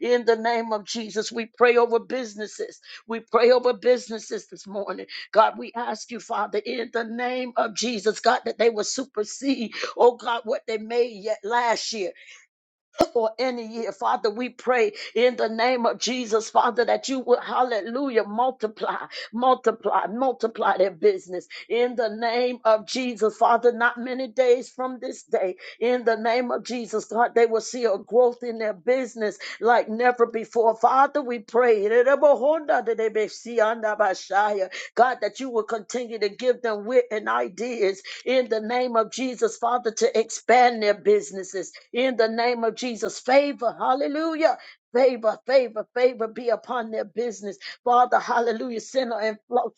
Speaker 3: In the name of Jesus, we pray over businesses. We pray over businesses this morning. God, we ask you, Father, in the name of Jesus, God, that they will supersede, oh God, what they made yet last year or any year. Father, we pray in the name of Jesus, Father, that you will, hallelujah, multiply. Multiply, multiply their business in the name of Jesus. Father, not many days from this day, in the name of Jesus, God, they will see a growth in their business like never before. Father, we pray. God, that you will continue to give them wit and ideas in the name of Jesus, Father, to expand their businesses in the name of Jesus. Favor, hallelujah Favor, favor, favor be upon their business. Father, hallelujah, sinner and flock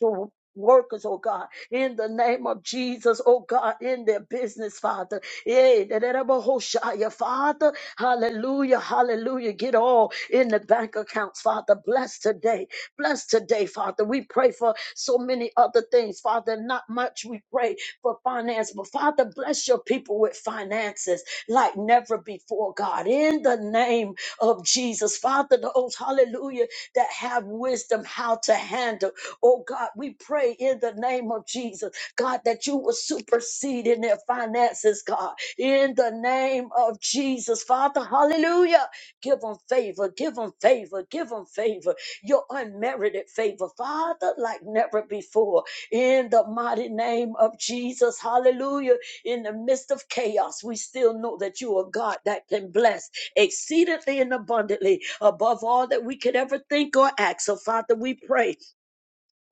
Speaker 3: workers, oh God, in the name of Jesus, oh God, in their business, Father. Yeah, that it ever hold shy, yeah, Father, hallelujah, hallelujah. Get all in the bank accounts, Father. Bless today. Bless today, Father. We pray for so many other things, Father. Not much we pray for finance, but Father, bless your people with finances like never before, God. In the name of Jesus, Father, those hallelujah that have wisdom how to handle. Oh God, we pray in the name of Jesus, God, that you will supersede in their finances, God in the name of Jesus. Father, hallelujah. Give them favor, give them favor, give them favor, your unmerited favor, Father, like never before. In the mighty name of Jesus, hallelujah. In the midst of chaos, we still know that you are God that can bless exceedingly and abundantly above all that we could ever think or act. So, Father, we pray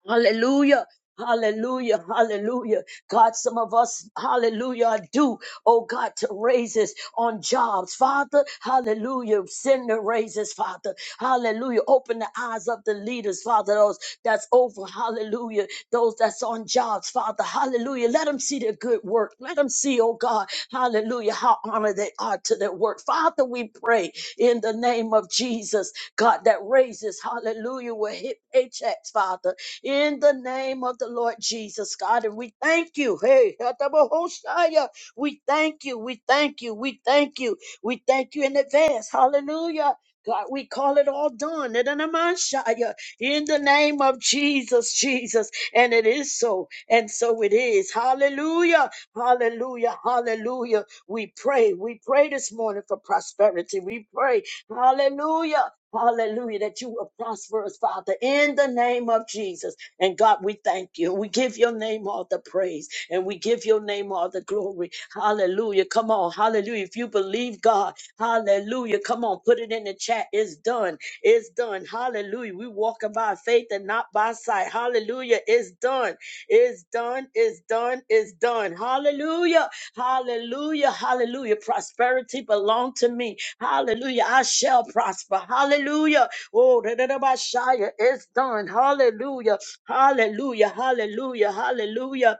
Speaker 3: Hallelujah. Hallelujah, hallelujah. God, some of us, hallelujah, are due, oh God, to raises on jobs. Father, hallelujah, send the raises, Father. Hallelujah. Open the eyes of the leaders, Father, those that's over, hallelujah, those that's on jobs, Father, hallelujah. Let them see their good work. Let them see, oh God, hallelujah, how honored they are to their work. Father, we pray in the name of Jesus, God, that raises, hallelujah, will hit paychecks, Father in the name of the Lord Jesus, God. And we thank you. Hey, Hatabahoshaya. we thank you. We thank you. We thank you. We thank you in advance. Hallelujah. God, we call it all done. Edanamashaya, In the name of Jesus, Jesus. And it is so. And so it is. Hallelujah. Hallelujah. Hallelujah. We pray. We pray this morning for prosperity. We pray Hallelujah. Hallelujah. That you will prosper us, Father, in the name of Jesus. And God, we thank you. We give your name all the praise and we give your name all the glory. Hallelujah. Come on. Hallelujah. If you believe God, hallelujah. Come on. Put it in the chat. It's done. It's done. Hallelujah. We walking by faith and not by sight. Hallelujah. It's done. It's done. It's done. It's done. Hallelujah. Hallelujah, hallelujah. Prosperity belong to me. Hallelujah. I shall prosper. Hallelujah. Oh, da, da, da, ba, shia. it's done. Hallelujah. Hallelujah. Hallelujah. Hallelujah.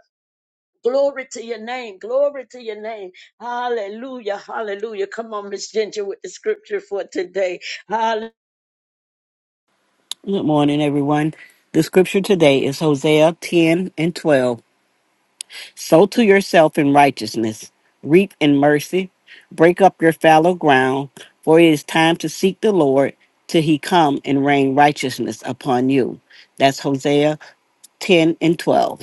Speaker 3: Glory to your name. Glory to your name. Hallelujah. Hallelujah. Come on, Miss Ginger, with the scripture for today.
Speaker 4: Good morning, everyone. The scripture today is Hosea 10 and 12. Sow to yourself in righteousness, reap in mercy, break up your fallow ground, for it is time to seek the Lord till he come and rain righteousness upon you. That's Hosea 10 and 12.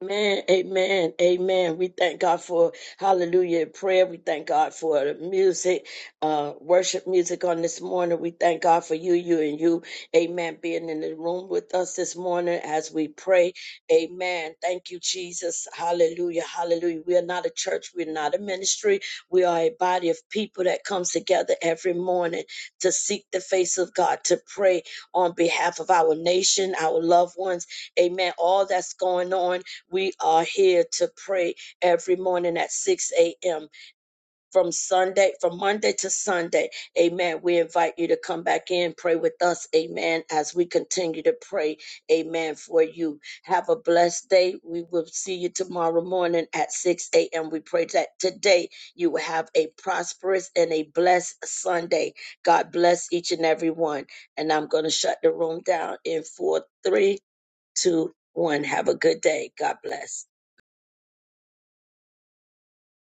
Speaker 3: Amen, amen, amen. We thank God for hallelujah prayer. We thank God for the music, uh, worship music on this morning. We thank God for you, you, and you. Amen. Being in the room with us this morning as we pray. Amen. Thank you, Jesus. Hallelujah, hallelujah. We are not a church. We're not a ministry. We are a body of people that comes together every morning to seek the face of God, to pray on behalf of our nation, our loved ones. Amen. All that's going on. We are here to pray every morning at 6 a.m. from Sunday, from Monday to Sunday. Amen. We invite you to come back in, pray with us. Amen. As we continue to pray, amen, for you. Have a blessed day. We will see you tomorrow morning at 6 a.m. We pray that today you will have a prosperous and a blessed Sunday. God bless each and every one. And I'm going to shut the room down in four, three, two, one. Have a good day. God bless.